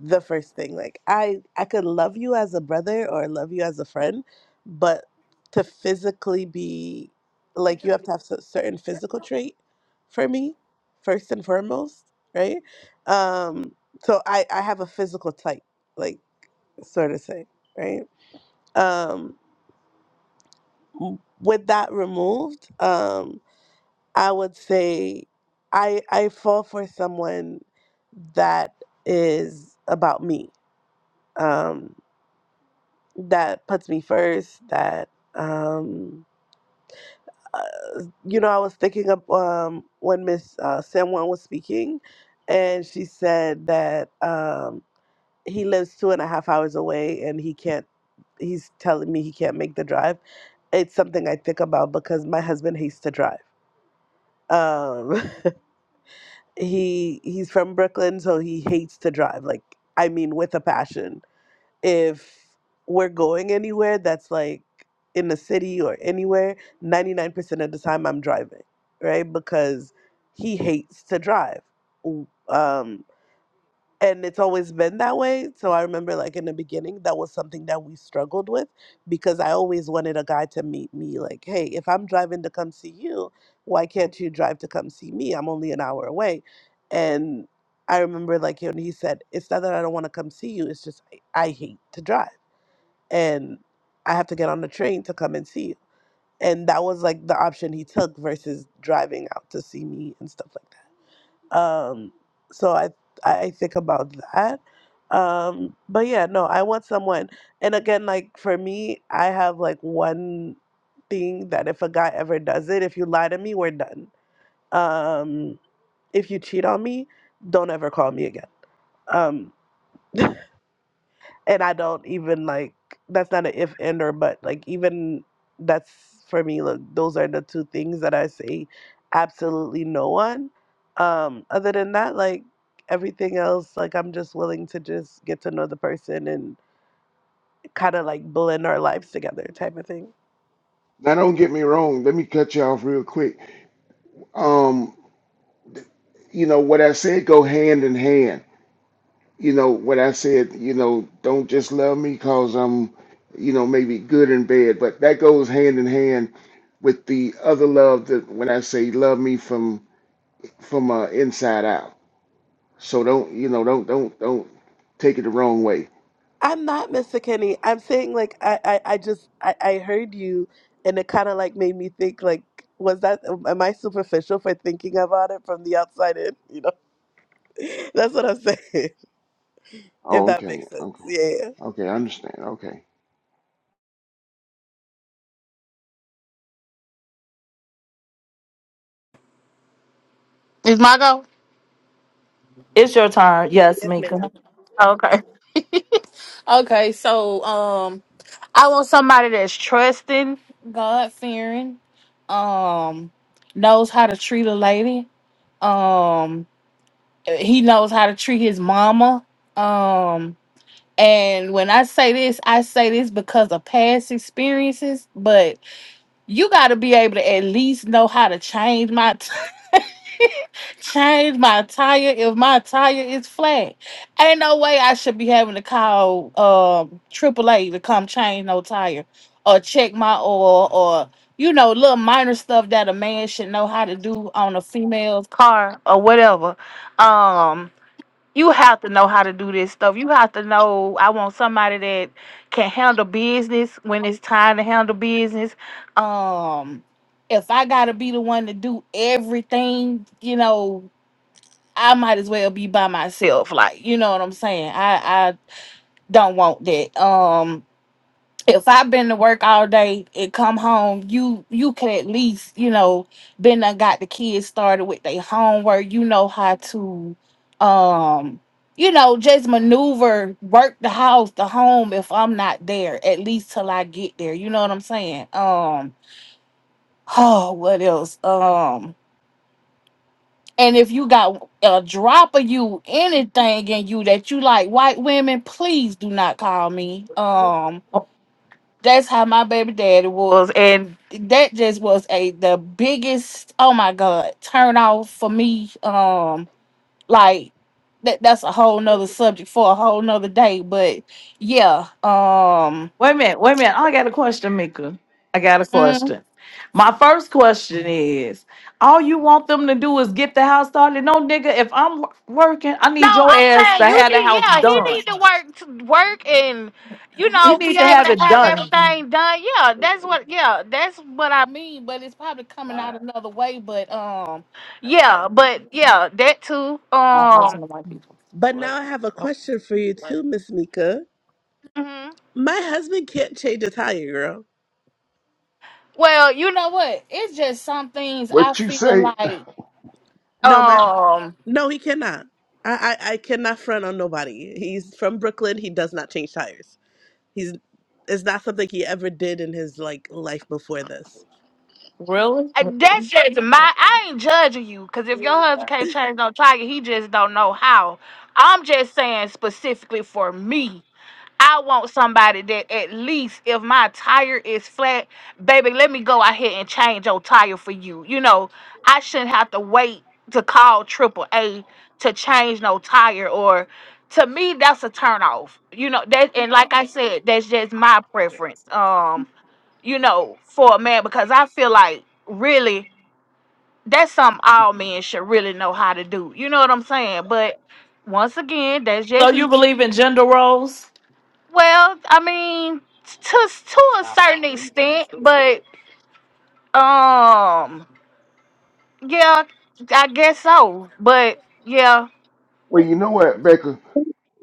the first thing. Like I I could love you as a brother or love you as a friend, but to physically be like you have to have a certain physical trait for me first and foremost, right? Um so I I have a physical type, like sort of say, right? Um w- with that removed, um I would say I I fall for someone that is about me. Um that puts me first. That um, uh, you know, I was thinking of um, when Miss uh, San was speaking, and she said that um, he lives two and a half hours away, and he can't. He's telling me he can't make the drive. It's something I think about because my husband hates to drive. Um, he he's from Brooklyn, so he hates to drive. Like I mean, with a passion if we're going anywhere that's like in the city or anywhere, 99% of the time I'm driving, right? Because he hates to drive. W- Um, and it's always been that way. So I remember, like, in the beginning, that was something that we struggled with because I always wanted a guy to meet me, like, hey, if I'm driving to come see you, why can't you drive to come see me? I'm only an hour away. And I remember, like, when he said, it's not that I don't want to come see you, it's just I, I hate to drive and I have to get on the train to come and see you. And that was like the option he took versus driving out to see me and stuff like that. Um, so I I think about that. Um, but yeah, no, I want someone. And again, like for me, I have like one thing that if a guy ever does it, if you lie to me, we're done. Um, if you cheat on me, don't ever call me again. Um, and I don't even like that's not an if and or but like even that's for me look those are the two things that I say absolutely no one um other than that like everything else like I'm just willing to just get to know the person and kind of like blend our lives together type of thing
Now, don't get me wrong. Let me cut you off real quick. Um, you know what I said go hand in hand. You know what I said. You know, don't just love me cause I'm, you know, maybe good in bed, but that goes hand in hand with the other love that when I say love me from from uh, inside out. So don't, you know, don't, don't, don't take it the wrong way.
I'm not Mr. Kenny I'm saying like I I, I just I, I heard you and it kind of like made me think like was that am I superficial for thinking about it from the outside in you know That's what I'm saying. If
Oh,
that
okay,
makes sense.
okay,
Yeah.
okay. I understand. Okay,
Is my go?
It's your turn. Yes,
Yes, ma'am.
Mika.
Okay. Okay, so um I want somebody that's trusting, God fearing, um, knows how to treat a lady. Um he knows how to treat his mama. Um and when I say this, I say this because of past experiences, but you gotta be able to at least know how to change my change my tire if my tire is flat. Ain't no way I should be having to call um AAA to come change no tire or check my oil or you know little minor stuff that a man should know how to do on a female's car or whatever. Um you have to know how to do this stuff. You have to know I want somebody that can handle business when it's time to handle business. Um if I gotta be the one to do everything, you know, I might as well be by myself. Like, you know what I'm saying? I I don't want that. Um if I've been to work all day and come home, you you could at least, you know, been I got the kids started with their homework. You know how to um you know, just maneuver, work the house, the home if I'm not there, at least till I get there. You know what I'm saying? Um, oh, what else? Um, And if you got a drop of you anything in you that you like white women, please do not call me. Um, that's how my baby daddy was, and that just was a the biggest oh my god turn off for me. Um, like that that's a whole nother subject for a whole nother day. But yeah, um.
Wait a minute, wait a minute. I got a question, Mika. I got a
mm,
question. My first question is all you want them to do is get the house started. No nigga, if I'm wo- working, I
No,
need your
I'm
ass to
saying you
have the
need.
house
Yeah, he
done.
need to work, to work, and you
He
know, be
need to
able
have
to
it
have
done.
everything done. Yeah, that's what. Yeah, that's what I mean. But it's probably coming out another way. But um, yeah, but yeah, that too.
I don't
Um,
listen to white people.
But now I have a
Oh,
question for you too, Miss Mika.
mhm.
My husband can't change a tire, girl.
well, you know what? It's just some things I
what you
feel
say?
like.
No, my
um.
no, he cannot. I, I I cannot front on nobody. He's from Brooklyn. He does not change tires. He's it's not something he ever did in his like life before this.
really?
Uh, That's just my. I ain't judging you because if your husband can't change no tiger, he just don't know how. I'm just saying specifically for me. I want somebody that at least if my tire is flat, baby, let me go out here and change your tire for you. You know, I shouldn't have to wait to call triple A to change no tire or to me that's a turn off. You know, that and like I said, that's just my preference. Um you know, for a man because I feel like really that's something all men should really know how to do. You know what I'm saying? But once again, that's
So
just
you
me.
believe in gender roles?
well, I mean, to to a certain extent, but um, yeah, I guess so. But yeah,
Well, you know what, Becca.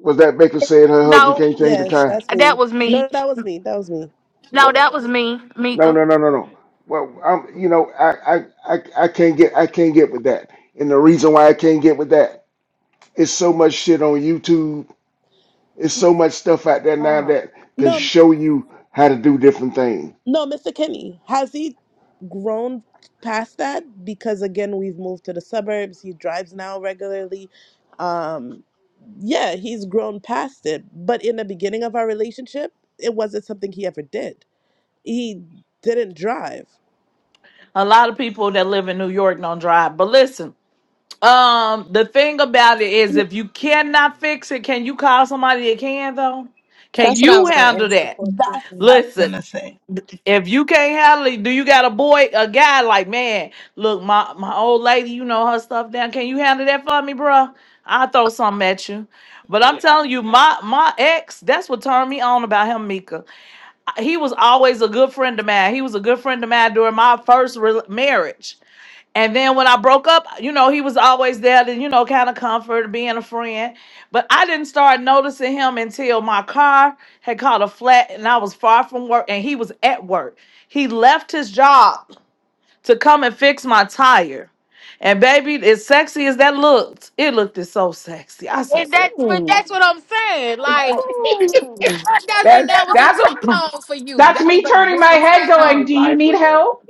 Was that Baker said her husband
no,
can't change the
Yes,
time?
that's
that
me.
was
No,
me.
that was me. That was me.
No,
What?
that was me,
No,
Mika.
no, no, no, no. Well, I'm, you know, I, I, I, I can't get, I can't get with that. And the reason why I can't get with that is so much shit on YouTube. It's so much stuff out there now
Oh.
that can
No,
show you how to do different things.
no, Mr. Kenny. Has he grown past that? Because again, we've moved to the suburbs. He drives now regularly. Um, yeah, he's grown past it. But in the beginning of our relationship, it wasn't something he ever did. He didn't drive.
A lot of people that live in New York don't drive. But listen. Um, the thing about it is, if you cannot fix it, can you call somebody that can though? Can
That's what I
you
was going to
handle
ask the
that?
That's what
question.
I was
Listen,
gonna say.
if you can't handle it, do you got a boy, a guy like man? Look, my my old lady, you know her stuff down. Can you handle that for me, bruh? I'll throw something at you. But I'm telling you, my my ex, that's what turned me on about him, Mika. I- He was always a good friend of mine. He was a good friend of mine during my first re- marriage. And then when I broke up, you know, he was always there to, you know, kind of comfort, being a friend. But I didn't start noticing him until my car had caught a flat and I was far from work and he was at work. He left his job to come and fix my tire. And baby, as sexy as that looked, it looked it so sexy. I said,
And
"Ooh."
that's but that's what I'm saying. Like and that, that- and
That's
that was a
that's what
turn on for you.
that's
That was
me
a
turning my
good
head
turn
going,
on.
Do you need help?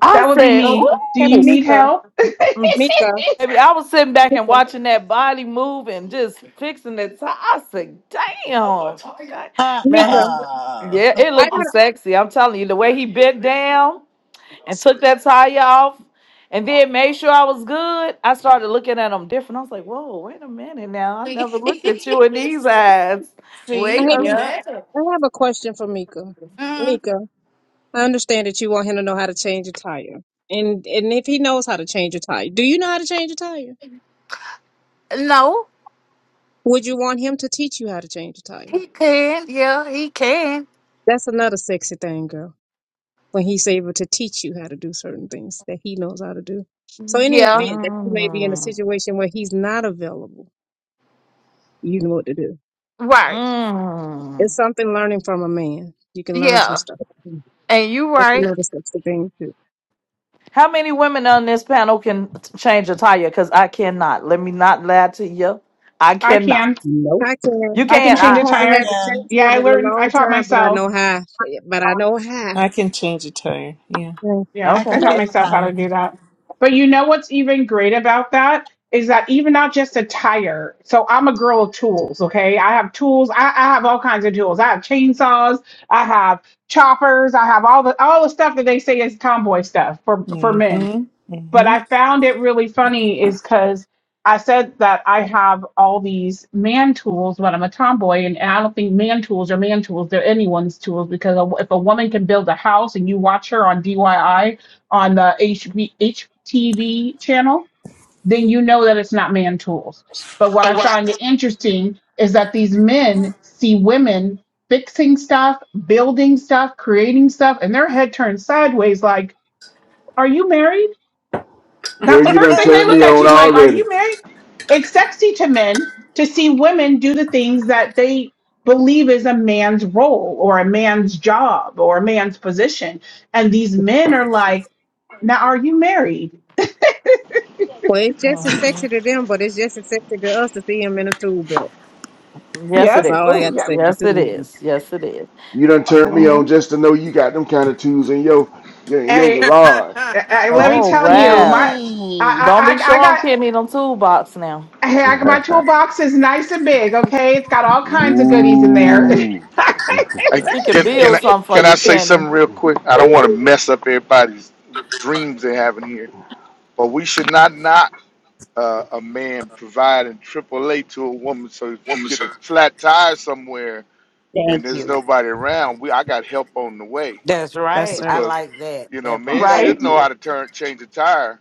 I
That would be
said,
Oh,
me. Do
ooh.
Kevin,
you need
Mika,
help?
Mika,
Baby, I was sitting back and
Mika,
watching that body move and just fixing that tire. I said, damn.
Uh
Man,
Mika.
uh
yeah, it
I
looked
got.
sexy. I'm telling you, the way he bent down and took that tie off and then made sure I was good, I started looking at him different. I was like, whoa, wait a minute now. I
See,
never looked at you in these eyes. Wait
see,
Hey,
a
Mika.
yeah.
minute.
I have a question for Mika.
Mm,
Mika. I understand that you want him to know how to change a tire. And and if he knows how to change a tire, do you know how to change a tire?
no,
Would you want him to teach you how to change a tire?
he can. Yeah, he can.
That's another sexy thing, girl. When he's able to teach you how to do certain things that he knows how to do. So any
Yeah,
event that you may be in a
Mm,
situation where he's not available, you know what to do.
right.
mm.
It's something learning from a man. You can learn some
Yeah,
stuff. from him.
and you
That's
right.
another sexy thing too.
How many women on this panel can t- change a tire? Because I cannot. Let me not lie to you. I
I
cannot.
can.
Nope.
I
You
can.
I can
can't.
I,
I
change
I.
a
I
haven't had
tire.
to
can
change
Yeah,
one
I
in a
learned I
long
taught
time, but I
myself.
know how. But I know
I
how.
can change a tire. Yeah.
Yeah,
I
I
Okay.
can
taught
Nope.
change the
myself how to
tires.
Mm-hmm.
do that. But you know what's even great about that is that even not just a tire. So I'm a girl of tools, okay? I have tools. I, I have all kinds of tools. I have chainsaws, I have choppers, I have all the all the stuff that they say is tomboy stuff for for men but
Mm-hmm.
I found it really funny is because I said that I have all these man tools, but I'm a tomboy, and, and I don't think man tools are man tools. They're anyone's tools because a, if a woman can build a house and you watch her on DIY on the HB, HTV channel, then you know that it's not man tools. But what I find it interesting is that these men see women fixing stuff, building stuff, creating stuff, and their head turns sideways like, Are you married? That's
Girl,
the
you
first
done
thing they
turned
look
me
at
on
you like, are
already.
you married? It's sexy to men to see women do the things that they believe is a man's role or a man's job or a man's position. And these men are like, now are you married?
Well, it's just
Mm.
as
Mm-hmm.
sexy to them, but it's just as sexy to us to see him in a tube belt.
Yes, it
That's
Yep.
all I
is.
Oh,
got to
yeah.
say. The
Yes, it
tube.
is. Yes, it is.
You done turned me
hmm
on just to know you got them kind of tools in your, your, in your
Hey,
garage.
hey, let me
Oh
tell you,
wow!
my
Mm.
Don't
I I
be
I I
showing
got
Kenny them toolbox now.
hey, I got my toolbox is nice and big, okay? It's got all kinds of goodies in there.
Oh,
Ooh.
I,
she can
can can I
build something for
can I
you,
say
Kenny.
something real quick? I don't want to mess up everybody's dreams they have in here, but we should not not uh, a man providing AAA to a woman. So if you
Woman
get a flat tire somewhere
Thank
and there's
you.
nobody around, we I got help on the way
That's right.
That's
I
right.
because
like that.
you know a
That
man
part.
right?
Thank
should know
you.
how to turn change a tire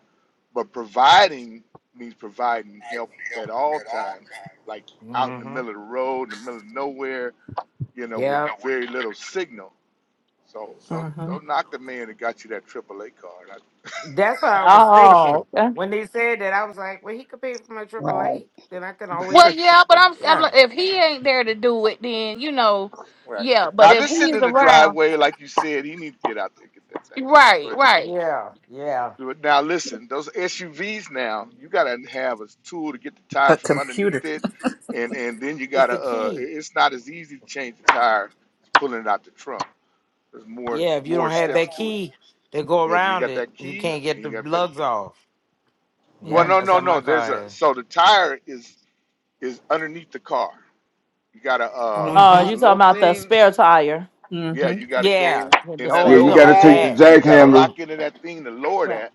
But providing means providing help at all times, like out in the
hmm
middle of the road, in the middle of nowhere, you know, with
Yeah.
very little signal. So don't
Uh-huh.
don't knock the man that got you that AAA card.
That's what I was
Oh,
thinking.
okay.
When they said that, I was like, well, he could pay for my
Right.
triple A. Then I can always.
Well,
I-
yeah, but I'm, I'm
Yeah.
like, if he ain't there to do it, then you know,
right
yeah. But
now, if
if
it's
he's
sitting in the
around,
driveway, like you said, he needs to get out there and get that thing
right,
done.
right.
Yeah. Yeah.
But but now listen, those SUVs now, you gotta have a tool to get the tire
A
from
computer.
underneath it, and and then you
It's
gotta
the
uh,
key.
it- it's not as easy to change the tire as pulling it out the trunk There's more
Yeah, if you
more
don't have
steps
that
to it.
key to go
If you
around
got
it,
that
you
key
can't get
and you
the
got to be able to
lugs
get.
off.
Well,
Yep,
Mm.
no,
that's how
no,
my
no. There's
car
a
is.
so the tire is is underneath the car. You gotta uh.
Oh,
hmm
Uh-huh.
There's a
you talking
little
about the
thing.
spare tire?
Yeah, you
Mm-hmm.
gotta
Yeah.
go
Yeah, The
in that
Oh,
yeah,
spare
you
you
little
talking
got
tire.
to
about
take the
hole
dad.
and
jack
you gotta
handle
lock into that thing to lower
Yeah.
that.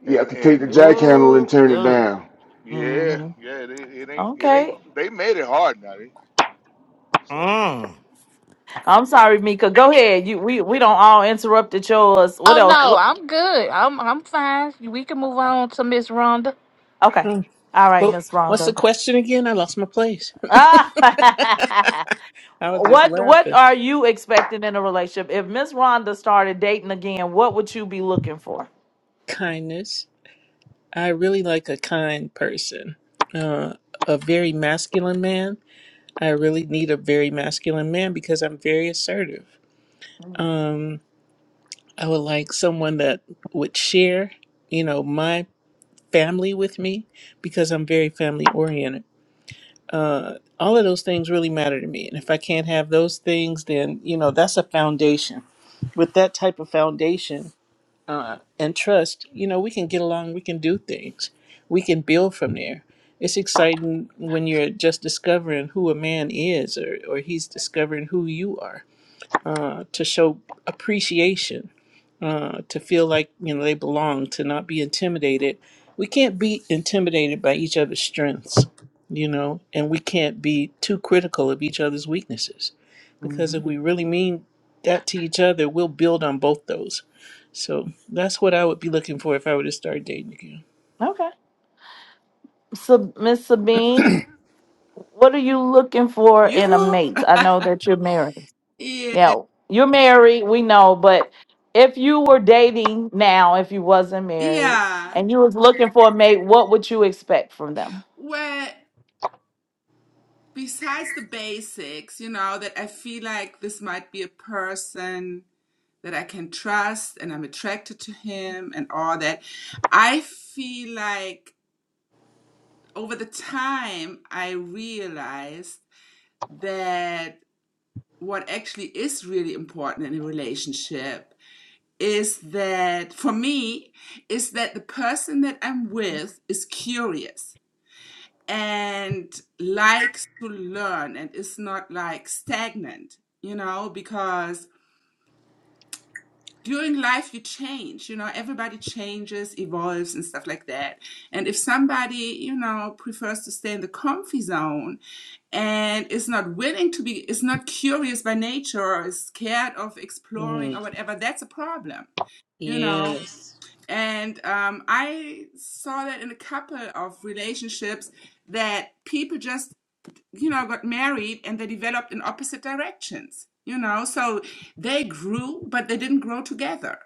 You have
And
to take the
and
jack handle and
Ooh,
turn it
ooh.
down.
yeah,
Mm-hmm.
yeah. It, it ain't it ain't.
Okay.
They made it hard now. They, so
Mm.
I'm
yeah, they.
sorry, Mika. Go ahead. You we we don't all interrupted yours. What
Oh
else?
no,
What?
I'm good. I'm I'm fine. We can move on to Miss Rhonda.
Okay.
Mm.
All right,
Well,
Miss
what's the
Rondo.
question again? I lost my place.
Ah.
I was just
What what
laughing.
are you expecting in a relationship? If Miss Rhonda started dating again, what would you be looking for?
Kindness. I really like a kind person. Uh, a very masculine man. I really need a very masculine man because I'm very assertive. I would like someone that would share, you know, my family with me because I'm very family oriented. uh, all of those things really matter to me. And if I can't have those things, then you know that's a foundation. With that type of foundation uh, and trust, you know we can get along. We can do things. We can build from there. It's exciting when you're just discovering who a man is, or or he's discovering who you are, uh, to show appreciation uh, to feel like you know they belong, to not be intimidated. We can't be intimidated by each other's strengths, you know, and we can't be too critical of each other's weaknesses, because if we really mean that to each other, we'll build on both those. So that's what I would be looking for if I were to start dating again.
Okay. So, Miss Sabine, what are you looking for in a
You
mate?
will.
I know that you're married.
yeah.
Yeah, you're married, we know, but if you were dating now, if you wasn't married,
Yeah.
and you was looking for a mate, what would you expect from them?
Well, besides the basics, you know, that I feel like this might be a person that I can trust and I'm attracted to him and all that. I feel like over the time I realized that what actually is really important in a relationship is that for me is that the person that I'm with is curious and likes to learn and is not like stagnant, you know, because during life you change you know everybody changes evolves and stuff like that and if somebody you know prefers to stay in the comfy zone and is not willing to be is not curious by nature or is scared of exploring
Mm,
or whatever that's a problem you know
yes.
and um, i saw that in a couple of relationships that people just you know got married and they developed in opposite directions you know so they grew but they didn't grow together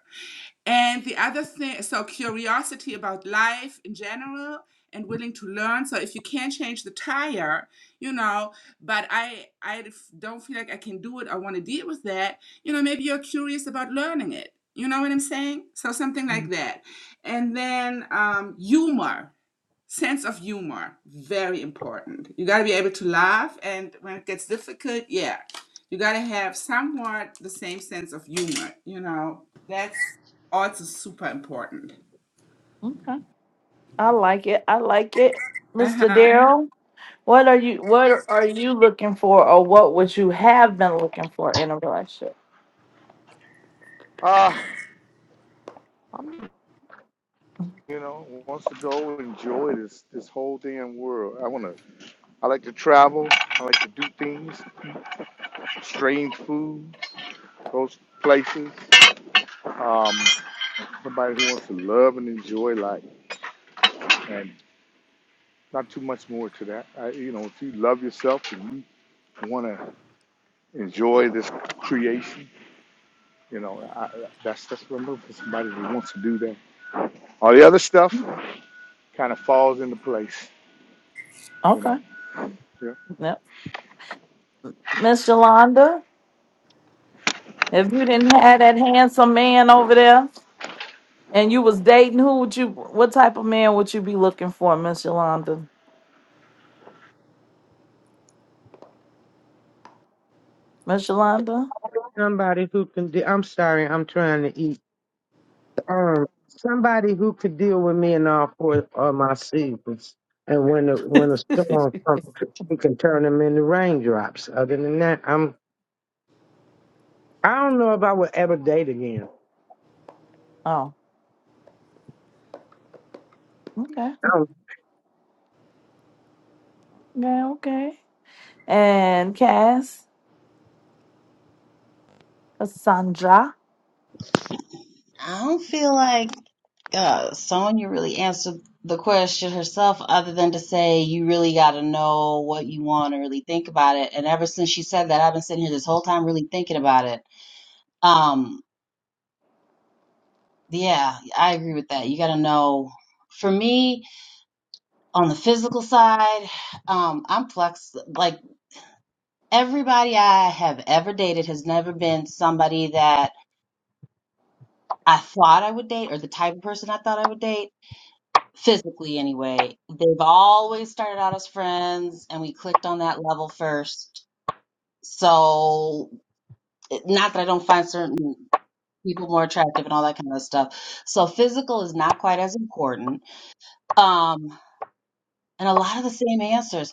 and the other thing, so curiosity about life in general and willing to learn. So if you can't change the tire, you know, but I I f- don't feel like I can do it. I want to deal with that. You know, maybe you're curious about learning it. You know what I'm saying? So something like
Mm,
that. And then um, humor sense of humor very important you got to be able to laugh and when it gets difficult yeah you got to have somewhat the same sense of humor you know that's also super important
Okay. I like it. I like it. Mr.
uh-huh
Daryl, what are you what are you looking for or what would you have been looking for in a relationship?
Ah, I'm you know wants to go enjoy this this whole damn world. I wanna. I like to travel. I like to do things. strange food, those places. Um, somebody who wants to love and enjoy life, and not too much more to that. I, you know, if you love yourself and you want to enjoy this creation, you know, I, I- that's that's what I'm looking for. Somebody who wants to do that. All the other stuff
Mhm.
kind of falls into place, you
Okay.
know. Yeah.
Yep. Miss Yolanda, if you didn't have that handsome man over there and you was dating, who would you what type of man would you be looking for, Miss Yolanda? Miss Yolanda?
Somebody who can, do, I'm sorry, I'm trying to eat Um, somebody who could deal with me in all four of my seasons, and when the when a storm comes, he can turn them into raindrops. Other than that, I'm I don't know if I would ever date again.
oh, okay. Yeah, okay. and Cass, Cassandra.
I don't feel like uh, Sonya really answered the question herself, other than to say you really got to know what you want and really think about it. And ever since she said that, I've been sitting here this whole time really thinking about it. Um, yeah, I agree with that. You got to know. For me, on the physical side, um, I'm flex. Like everybody I have ever dated has never been somebody that I thought I would date or the type of person I thought I would date, physically anyway. They've always started out as friends and we clicked on that level first. So, it- not that I don't find certain people more attractive and all that kind of stuff. So, physical is not quite as important. Um, and a lot of the same answers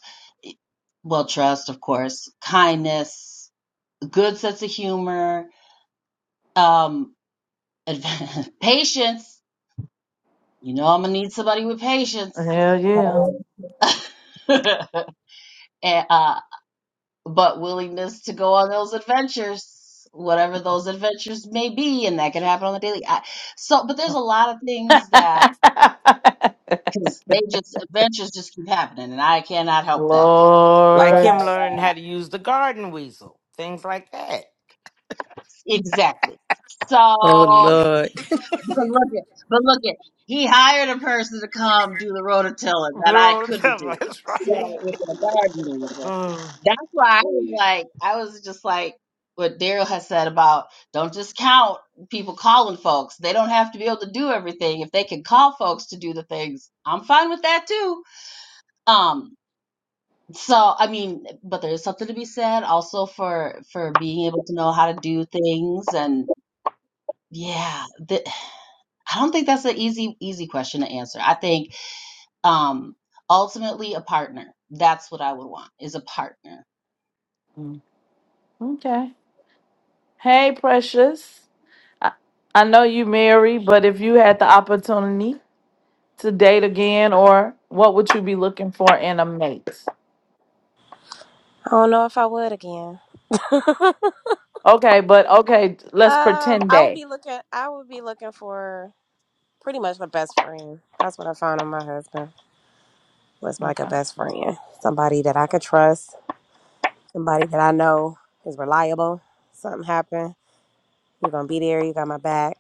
well, trust, of course, kindness. good sense of humor, um, patience. You know, I'm gonna need somebody with patience,
Hell yeah.
and, uh, but willingness to go on those adventures, whatever those adventures may be, and that can happen on the daily. I, so, but there's a lot of things that because they just adventures just keep happening, and I cannot help that.
Like
But
Lord.
him learning how to use the garden weasel, things like that.
exactly.
Oh
So
Lord.
But look it, but look it. He hired a person to come do the rototilling that I
Zero to
couldn't
ten,
do.
that's right.
So with the gardening,
Mm.
that's why I was like, I was just like what Daryl has said about don't just count people calling folks. They don't have to be able to do everything. If they can call folks to do the things, I'm fine with that too. Um, so I mean, but there's something to be said also for for being able to know how to do things and yeah, th- I don't think that's an easy easy question to answer. I think um ultimately a partner. That's what I would want is a partner.
Mm, Okay. Hey, precious. I, I know you married, but if you had the opportunity to date again, or what would you be looking for in a mate?
I don't know if I would again.
Okay, but okay, let's
Um,
pretend
I would
day.
be looking. I would be looking for pretty much a best friend. That's what I found in my husband was like a
Okay. All
best friend, somebody that I could trust, somebody that I know is reliable. Something happened, you're gonna be there. You got my back.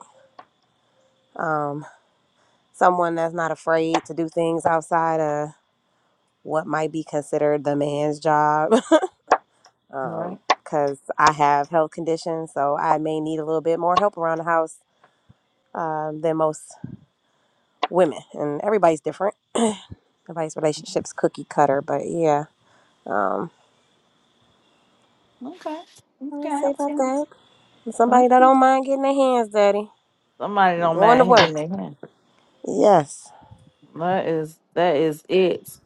Um, someone that's not afraid to do things outside of what might be considered the man's job. um,
right.
because I have health conditions, so I may need a little bit more help around the house um, than most women, and everybody's different. Everybody's relationships cookie cutter, but yeah. Um,
Okay.
I would
Okay.
say about
Okay.
that. Somebody that
okay.
don't mind getting their hands dirty,
Somebody don't
going to
mind
work.
hitting their hand.
Yes.
That is that is it.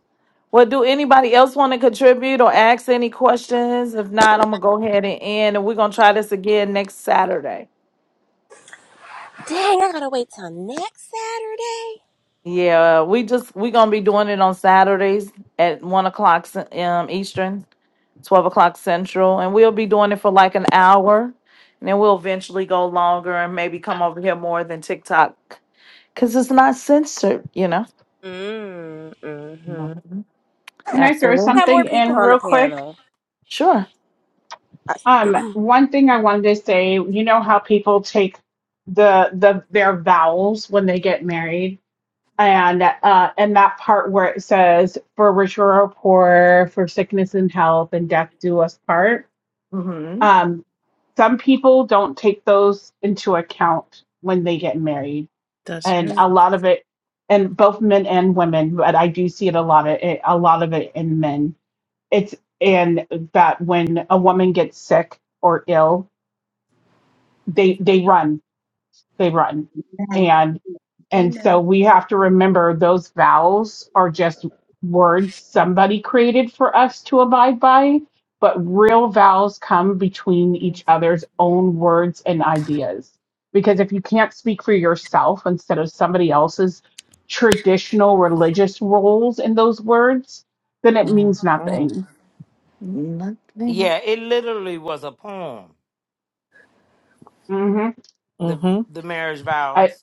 Well, do anybody else want to contribute or ask any questions? If not, I'm gonna go ahead and end, and we're gonna try this again next Saturday.
Dang, I gotta wait till next Saturday.
Yeah, we just we're gonna be doing it on Saturdays at one o'clock ce- um, Eastern, twelve o'clock Central, and we'll be doing it for like an hour, and then we'll eventually go longer and maybe come over here more than TikTok because it's not censored, you know.
Mm, mm-hmm. We
Mhm.
Can I throw
Absolutely,
have
something
more
in
people on
real
the
quick?
panel.
sure.
Uh,
Um, one thing I wanted to say, you know how people take the the their vows when they get married, and uh, and that part where it says for rich or poor, for sickness and health, and death do us part.
hmm
Um, some people don't take those into account when they get married,
That's
and
right.
a lot of it, and both men and women, but I do see it a lot of it, a lot of it in men it's and that when a woman gets sick or ill they they run they run
Amen.
and and so
Amen.
we have to remember those vowels are just words somebody created for us to abide by but real vowels come between each other's own words and ideas because if you can't speak for yourself instead of somebody else's traditional religious roles in those words then it means
Mm-hmm.
nothing
Nothing.
Yeah, it literally was a poem,
hmm
the
Mm-hmm.
the marriage vows.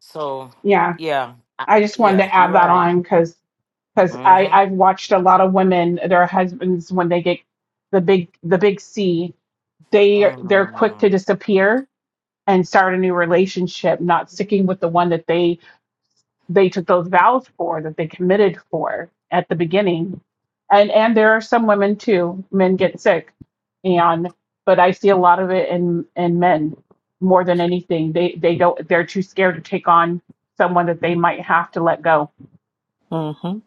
So,
Yeah,
yeah, I,
I just wanted
yeah,
to
you're
add that
right.
on because because I
Mm-hmm.
I've watched a lot of women their husbands when they get the big the big C they they're quick to
Mm-hmm.
disappear and start a new relationship, not sticking with the one that they they took those vows for that they committed for at the beginning, and and there are some women too men get sick, and but I see a lot of it in in men more than anything they they don't they're too scared to take on someone that they might have to let go
Mm-hmm.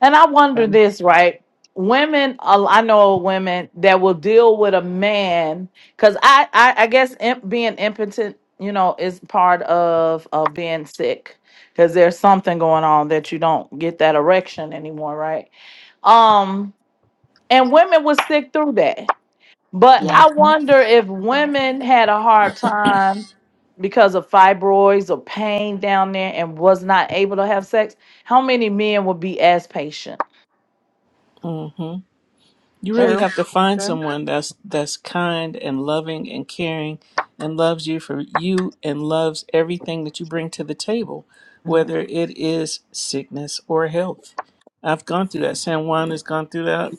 And I wonder
So
this, right? Women, uh, I know women that will deal with a man because I, I, I guess imp, being impotent, you know, is part of uh, being sick because there's something going on that you don't get that erection anymore, right? Um, and women would stick through that. But
yeah,
I wonder if women had a hard time because of fibroids or pain down there and was not able to have sex, how many men would be as patient?
Mm-hmm. You really
true.
have to find
So,
someone that's that's kind and loving and caring and loves you for you and loves everything that you bring to the table,
Mm,
whether it is sickness or health. I've gone through that.
Mm-hmm.
San Juan has gone through that.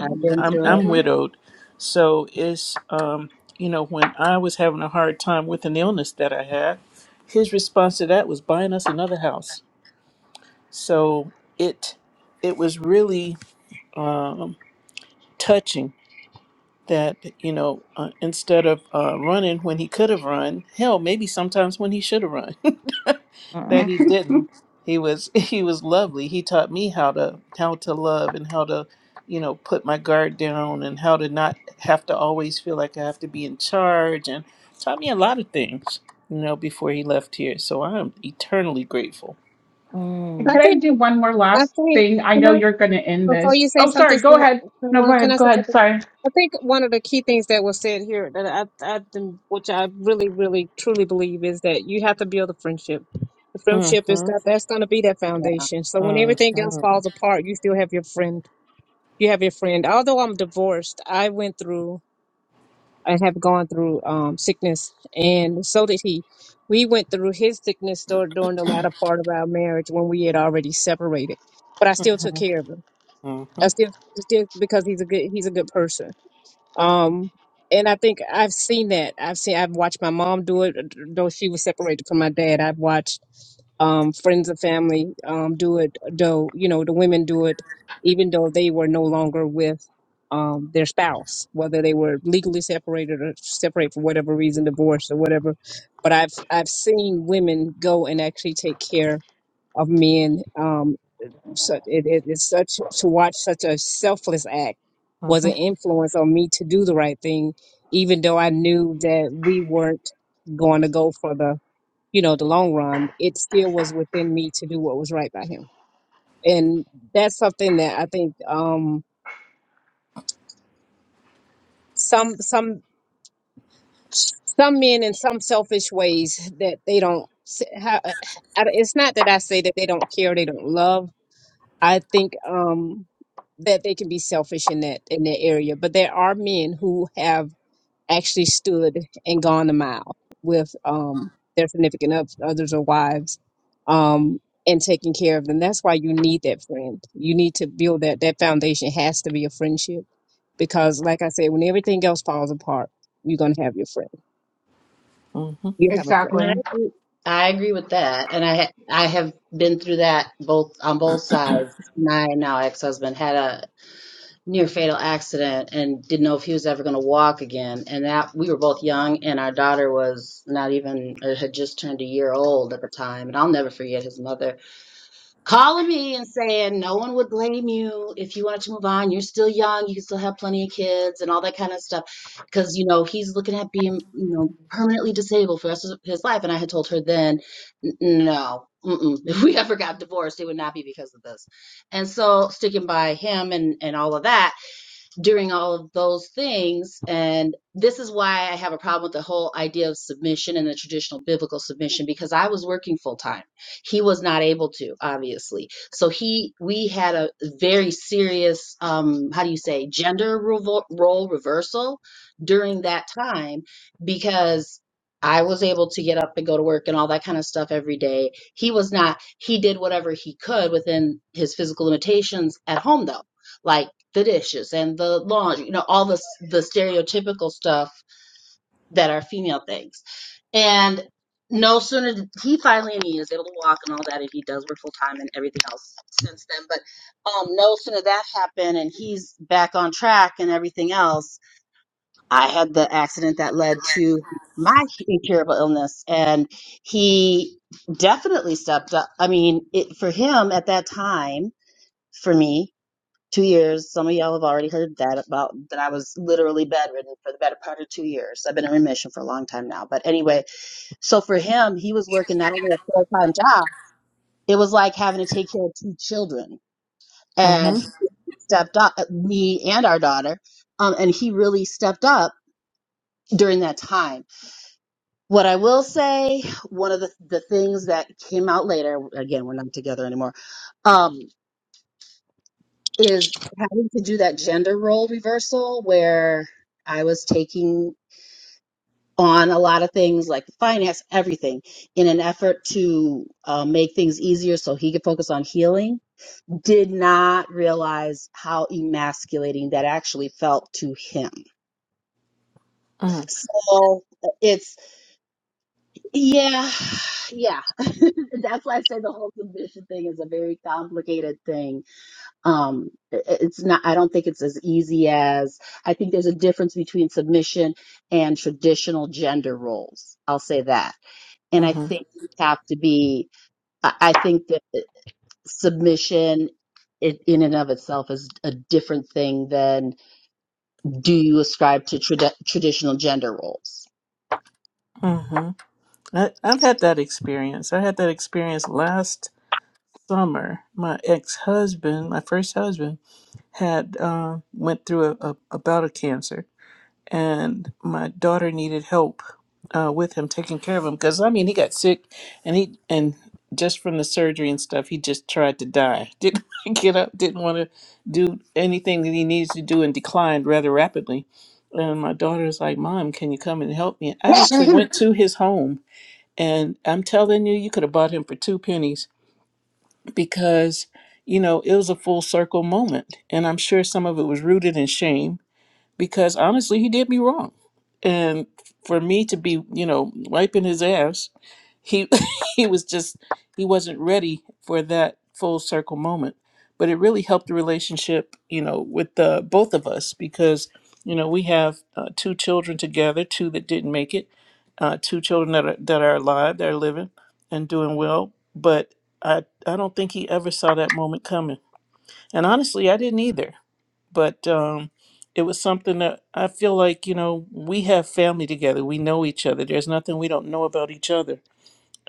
I've been
I'm
through it.
I'm
hmm
widowed, so it's um, you know when I was having a hard time with an illness that I had, his response to that was buying us another house. So it it was really um, touching that you know uh, instead of uh, running when he could have run hell maybe sometimes when he should have run that he
mm,
didn't he was he was lovely he taught me how to how to love and how to you know put my guard down and how to not have to always feel like i have to be in charge and taught me a lot of things you know before he left here so i am eternally grateful
and
I
can
mm.
I
think,
do one more
I
last
think,
thing? I
can
know
I,
you're going to end
before
this.
you say
Oh,
something,
sorry. Go
Sue-
ahead. No, go
Sue, can
ahead.
I
Go
say
ahead.
something?
Sorry.
I think one of the key things that was said here that I, I, think- which I really, really, truly believe is that you have to build a friendship. The friendship
Mm-hmm.
is got that's going to be that
Yeah.
foundation. So when everything else
Mhm.
falls apart, you still have your friend. You have your friend. Although I'm divorced, I went through. I have gone through um, sickness, and so did he. We went through his sickness dur- during the latter part of our marriage when we had already separated, but I still took
Mhm.
care of him. I
Mhm. Mhm.
still, still because he's a good, he's a good person. Um, and I think I've seen that. I've seen, I've watched my mom do it, though she was separated from my dad. I've watched um, friends and family um, do it, though, you know, the women do it, even though they were no longer with um, their spouse, whether they were legally separated or separate for whatever reason, divorce or whatever. But I've, I've seen women go and actually take care of men. Um, such it, it, it's such to watch such a selfless act was an
Mhm.
influence on me to do the right thing, even though I knew that we weren't going to go for the you know the long run. It still was within me to do what was right by him, and that's something that I think um, some some some men in some selfish ways that they don't. s- How, I- it's not that I say that they don't care, they don't love I think um, that they can be selfish in that in that area, but there are men who have actually stood and gone a mile with um, their significant oth- others or wives um, and taking care of them. That's why you need that friend. You need to build that. That foundation has to be a friendship because, like I said, when everything else falls apart, you're gonna have your friend.
Mhm.
You have a
And I
Exactly.
agree, I agree with that. And I I have been through that both on both sides. My now ex-husband had a near fatal accident and didn't know if he was ever going to walk again. And that we were both young and our daughter was not even or had just turned a year old at the time. And I'll never forget his mother calling me and saying no one would blame you if you wanted to move on. You're still young. You can still have plenty of kids and all that kind of stuff. Because, you know, he's looking at being, you know, permanently disabled for the rest of his life. And I had told her then, "N- no, mm-mm. if we ever got divorced, it would not be because of this. And so sticking by him and, and all of that during all of those things. And this is why I have a problem with the whole idea of submission and the traditional biblical submission, because I was working full time. He was not able to, obviously. So he, we had a very serious, um, how do you say, gender revo- role reversal during that time, because I was able to get up and go to work and all that kind of stuff every day. He was not, he did whatever he could within his physical limitations at home though. Like, the dishes and the laundry, you know, all the the stereotypical stuff that are female things. And no sooner did he finally, I mean, is able to walk and all that, and he does work full time and everything else since then. But um, no sooner that happened and he's back on track and everything else, I had the accident that led to my incurable illness, and he definitely stepped up. I mean, it, for him at that time, for me two years. Some of y'all have already heard that about that I was literally bedridden for the better part of two years. I've been in remission for a long time now. But anyway, so for him, he was working not only a full time job, it was like having to take care of two children. And he stepped up, uh, me and our daughter, um, and he really stepped up during that time. What I will say, one of the, the things that came out later, again, we're not together anymore, Um. is having to do that gender role reversal where I was taking on a lot of things like finance, everything, in an effort to uh, make things easier so he could focus on healing. Did not realize how emasculating that actually felt to him.
Mhm.
So it's, yeah, yeah. That's why I say the whole submission thing is a very complicated thing um it- it's not i don't think it's as easy as i think there's a difference between submission and traditional gender roles i'll say that and i
Mhm.
think you have to be i I think that submission i- in and of itself is a different thing than do you ascribe to trad- traditional gender roles
Mhm. I- I've had that experience. I had that experience last summer. My ex-husband, my first husband, had uh, went through a, a, a bout of cancer, and my daughter needed help uh, with him taking care of him because I mean he got sick and he and just from the surgery and stuff he just tried to die didn't wanna get up didn't want to do anything that he needs to do and declined rather rapidly and my daughter was like mom can you come and help me I
friend.
actually went to his home and I'm telling you you could have bought him for two pennies because you know it was a full circle moment and I'm sure some of it was rooted in shame because honestly, he did me wrong. And for me to be, you know, wiping his ass, he he was just he wasn't ready for that full circle moment. But it really helped the relationship, you know, with the both of us because you know we have uh, two children together, two that didn't make it, uh, two children that are that are alive, that are living and doing well. But I I don't think he ever saw that moment coming and honestly, I didn't either. But um, it was something that I feel like, you know, we have family together. We know each other. There's nothing we don't know about each other.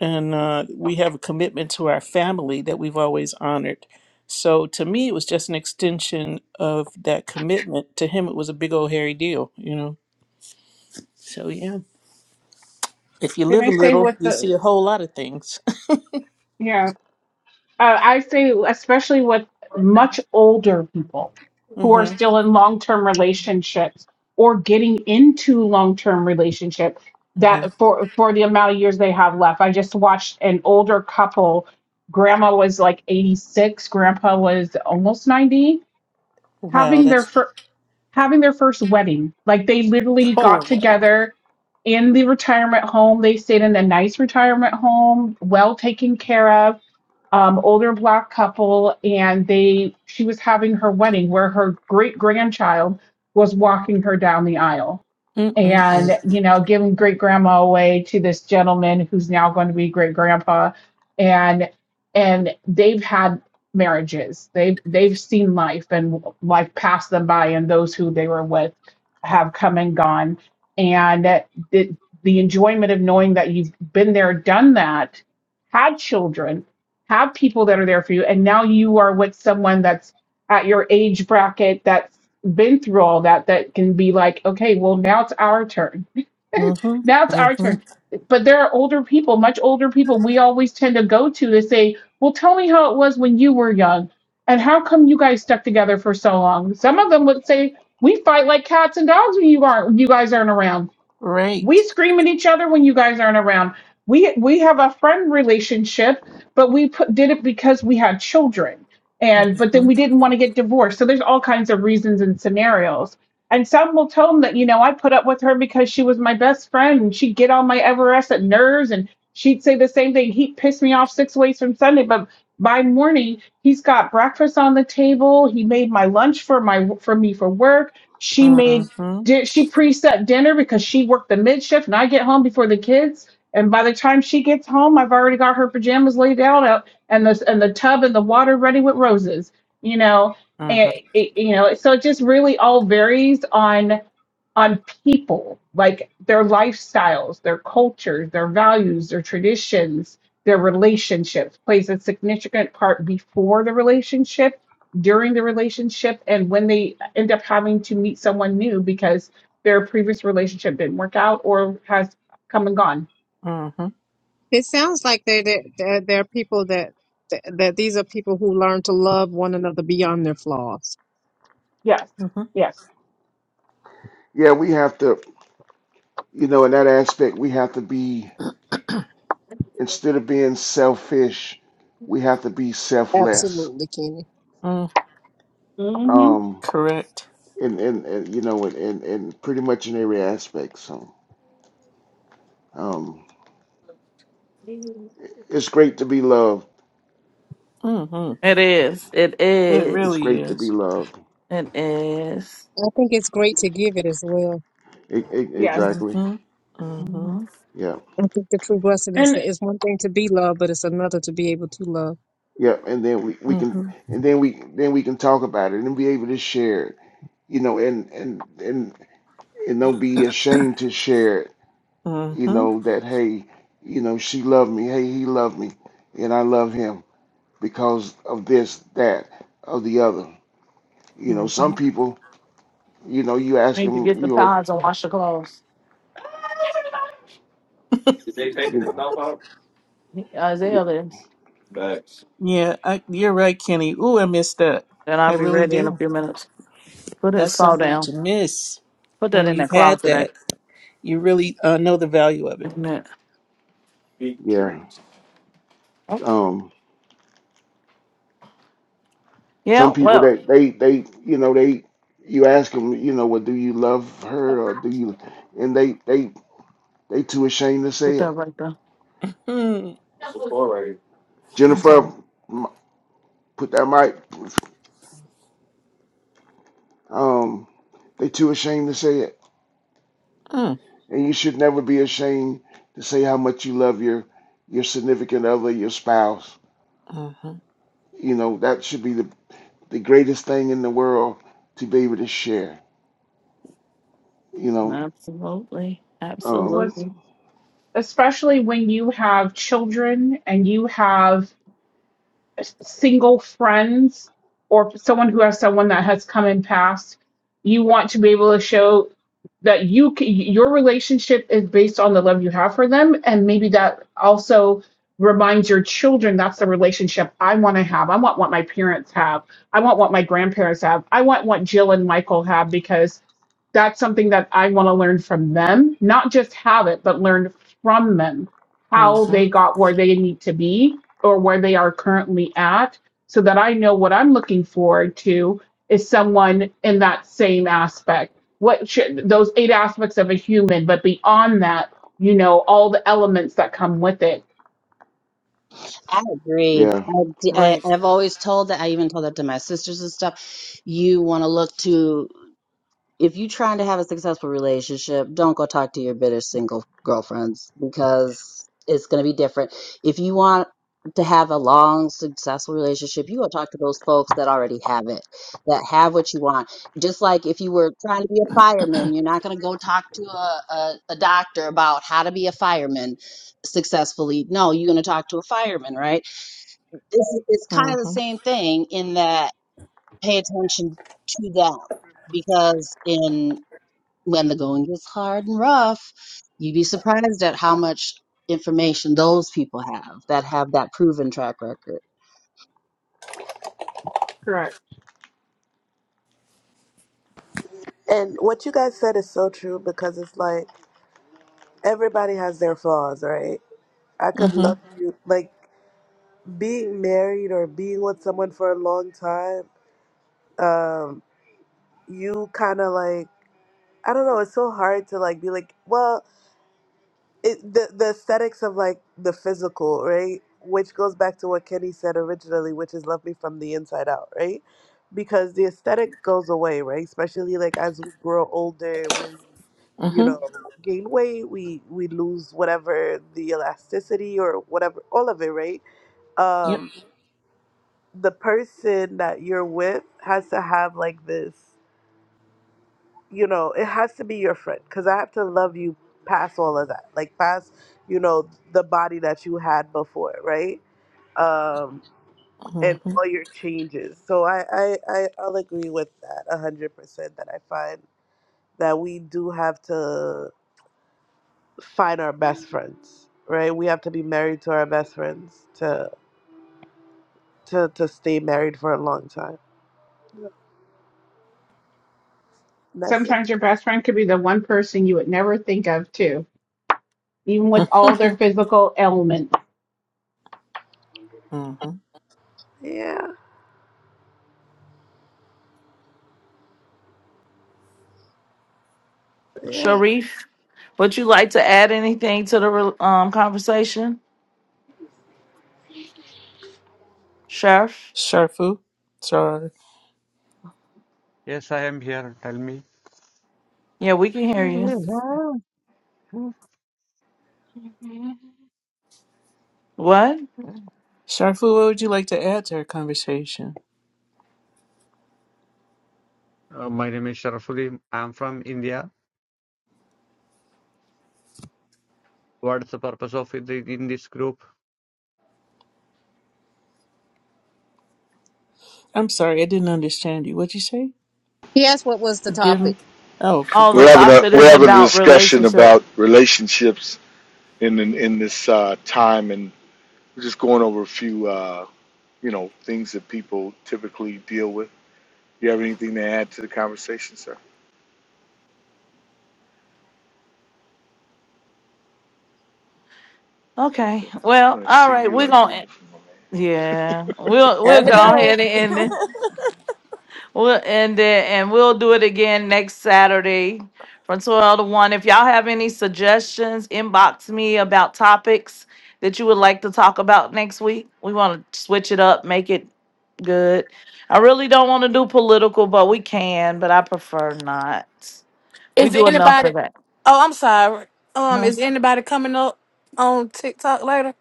And uh, we have a commitment to our family that we've always honored. So to me, it was just an extension of that commitment. To him, it was a big old hairy deal, you know? So yeah. If you
Can
live
I
a
say
little,
what
you
the
see a whole lot of things.
yeah? Uh, I say, especially with much older people who are
hmm
still in long term relationships or getting into long term relationship
hmm
that for for the amount of years they have left. I just watched an older couple. Grandma was like 86, grandpa was almost 90,
Wow,
having their
that's,
first having their first wedding. Like they literally
oh,
got
wow.
together in the retirement home. They stayed in a nice retirement home, well taken care of, um, older black couple, and they she was having her wedding where her great grandchild was walking her down the aisle
Mm-mm-mm.
and you know giving great grandma away to this gentleman who's now going to be great grandpa and and they've had marriages they've they've seen life and life passed them by and those who they were with have come and gone and the, the enjoyment of knowing that you've been there done that had children have people that are there for you and now you are with someone that's at your age bracket that been through all that that can be like, okay, well, now it's our turn.
Mm-hmm.
now it's our
Mm-hmm.
turn. But there are older people, much older people we always tend to go to to say, well, tell me how it was when you were young. And how come you guys stuck together for so long? Some of them would say, we fight like cats and dogs when you aren't, when you guys aren't around
Right.
we scream at each other when you guys aren't around. We we have a friend relationship, but we put, did it because we had children, and but
Mm-hmm.
then we didn't want to get divorced. So there's all kinds of reasons and scenarios. And some will tell them that you know I put up with her because she was my best friend, and she'd get on my Everest at nerves, and she'd say the same thing. He'd piss me off six ways from Sunday, but by morning he's got breakfast on the table. He made my lunch for my for me for work. She made
Mm-hmm.
did she precept dinner because she worked the mid shift and I get home before the kids. And by the time she gets home, I've already got her pajamas laid out out and the and the tub and the water ready with roses. You know, and
Mm-hmm.
it, you know, so it just really all varies on on people, like their lifestyles, their cultures, their values, their traditions, their relationships plays a significant part before the relationship during the relationship and when they end up having to meet someone new because their previous relationship didn't work out or has come and gone.
Mm-hmm.
It sounds like they that there there are people that that that these are people who learn to love one another beyond their flaws.
Yes,
Mm-hmm.
yes,
Yeah, we have to, you know, in that aspect, we have to be, instead of being selfish, we have to be selfless.
Absolutely, Kenny.
Mm.
hmm
Um,
Correct.
and, and, and you know, and, and, and pretty much in every aspect. So, um, it's great to be loved.
Mm-hmm.
It is. It
It
It's
is.
really
great to be
is.
loved.
It is.
I think it's great to give it as well.
E- e-
yes,
exactly.
Mm-hmm. Mm-hmm.
Mhm.
Yeah.
I think the true blessing is
and it
that it's one thing to be loved, but it's another to be able to love.
Yeah. And then we, we can,
Mm-hmm.
and then we, then we can talk about it and be able to share it, you know, and, and, and, and don't be ashamed to share it you
Mm-hmm.
know, that hey, you know, she loved me, hey, he loved me, and I love him because of this, that, of the other. You know, some
Mm-hmm.
people, you know, you ask
Need to
them,
get
you
the
know,
pads and wash the clothes.
you know,
Isaiah
y-
is.
Yeah, I, you're right, Kenny. Ooh, I missed that.
Then I'll
I
be
really
ready in a
do.
few minutes. Put his
That's
saw
something
down.
to miss
Put that
when
in the
you've had
closet. I,
that. You really uh, know the value of it.
in it.
yeah. Um, some
Yeah,
people
well,
that they they you know they you ask them, you know, well, do you love her or do you, and they they they too ashamed to
put
say
that
it.
right there.
Mm.
That's
Jennifer,
all.
m- put that mic. Um, they too ashamed to say it
Mm.
And you should never be ashamed to say how much you love your your significant other, your spouse.
Mm-hmm.
You know, that should be the, the greatest thing in the world to be able to share. You know,
Absolutely.
um,
was
Absolutely.
especially when you have children and you have single friends or someone who has someone that has come and passed, you want to be able to show that you c- your relationship is based on the love you have for them, and maybe that also reminds your children that's the relationship I want to have. I want what my parents have. I want what my grandparents have. I want what Jill and Michael have because that's something that I want to learn from them, not just have it, but learn from them how
Mm-hmm.
they got where they need to be or where they are currently at so that I know what I'm looking forward to is someone in that same aspect. What should those eight aspects of a human, but beyond that, you know, all the elements that come with it.
I agree.
yeah.
I, d- I-
Right.
I've always told that. I even told that to my sisters and stuff. You want to look to. if you're trying to have a successful relationship, don't go talk to your bitter single girlfriends because it's going to be different. If you want to have a long, successful relationship, you go talk to those folks that already have it, that have what you want. Just like if you were trying to be a fireman, you're not going to go talk to a, a, a doctor about how to be a fireman successfully. No, you're going to talk to a fireman, right? It's, it's kind of the
Mm-hmm.
same thing in that pay attention to them because in when the going gets hard and rough, you'd be surprised at how much information those people have that have that proven track record.
Correct.
And what you guys said is so true because it's like everybody has their flaws, right? I could love
Mm-hmm.
you like being married or being with someone for a long time. Um, you kind of like I don't know. It's so hard to like be like, well, it, the the aesthetics of like the physical, right? Which goes back to what Kenny said originally, which is love me from the inside out, right? Because the aesthetic goes away, right? Especially like as we grow older, we, you
Mm-hmm.
know, gain weight, we we lose whatever the elasticity or whatever, all of it, right?
Yep.
Um, the person that you're with has to have like this. you know, it has to be your friend because I have to love you past all of that, like past, you know, the body that you had before, right? Um, and all your changes. So I, I, I I'll agree with that a hundred percent. That I find that we do have to find our best friends, right? We have to be married to our best friends to to to stay married for a long time. That's it.
Sometimes your best friend could be the one person you would never think of, too, even with all their
Mm-hmm.
physical ailments.
Yeah, yeah.
Sharif, would you like to add anything to the um conversation? Sheriff?
Sharfu, sorry.
Yes, I am here. Tell me.
Yeah, we can hear you. What?
Sharfu, what would you like to add to our conversation?
Uh, my name is Sharafuli. I am from India. What's the purpose of it in this group?
I'm sorry, I didn't understand you. What'd you say?
He asked what was the
Forgive
topic.
me. Oh,
Oh, the
We're
forgive me.
having a
topic
we're
is
having a
about
discussion
relationship.
about relationships in in, in this uh, time, and we're just going over a few uh, you know things that people typically deal with. Do you have anything to add to the conversation, sir?
Okay.
Okay. I'm
Well,
going to
all
see
right.
you
We're
on the
gonna end-
next one, my
yeah.
man.
We'll we'll
Time to
go
go.
ahead and end it. We'll end it and we'll do it again next Saturday from twelve to one. If y'all have any suggestions, inbox me about topics that you would like to talk about next week. We wanna switch it up, make it good. I really don't want to do political, but we can, but I prefer not. We
Is
do enough
anybody?
of that.
Oh, I'm sorry. Um, is anybody coming up on TikTok later?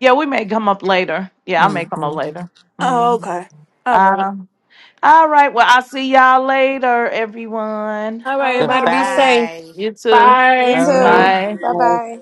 Yeah, we may come up later. Yeah, I may come
hmm
up later.
Oh,
Mhm.
okay. All right.
Um, all right. Well, I'll see y'all later, everyone.
All right.
All
Everybody be
right.
safe.
Goodbye.
You too.
You, you
Bye.
All right.
too.
Bye.
Bye bye.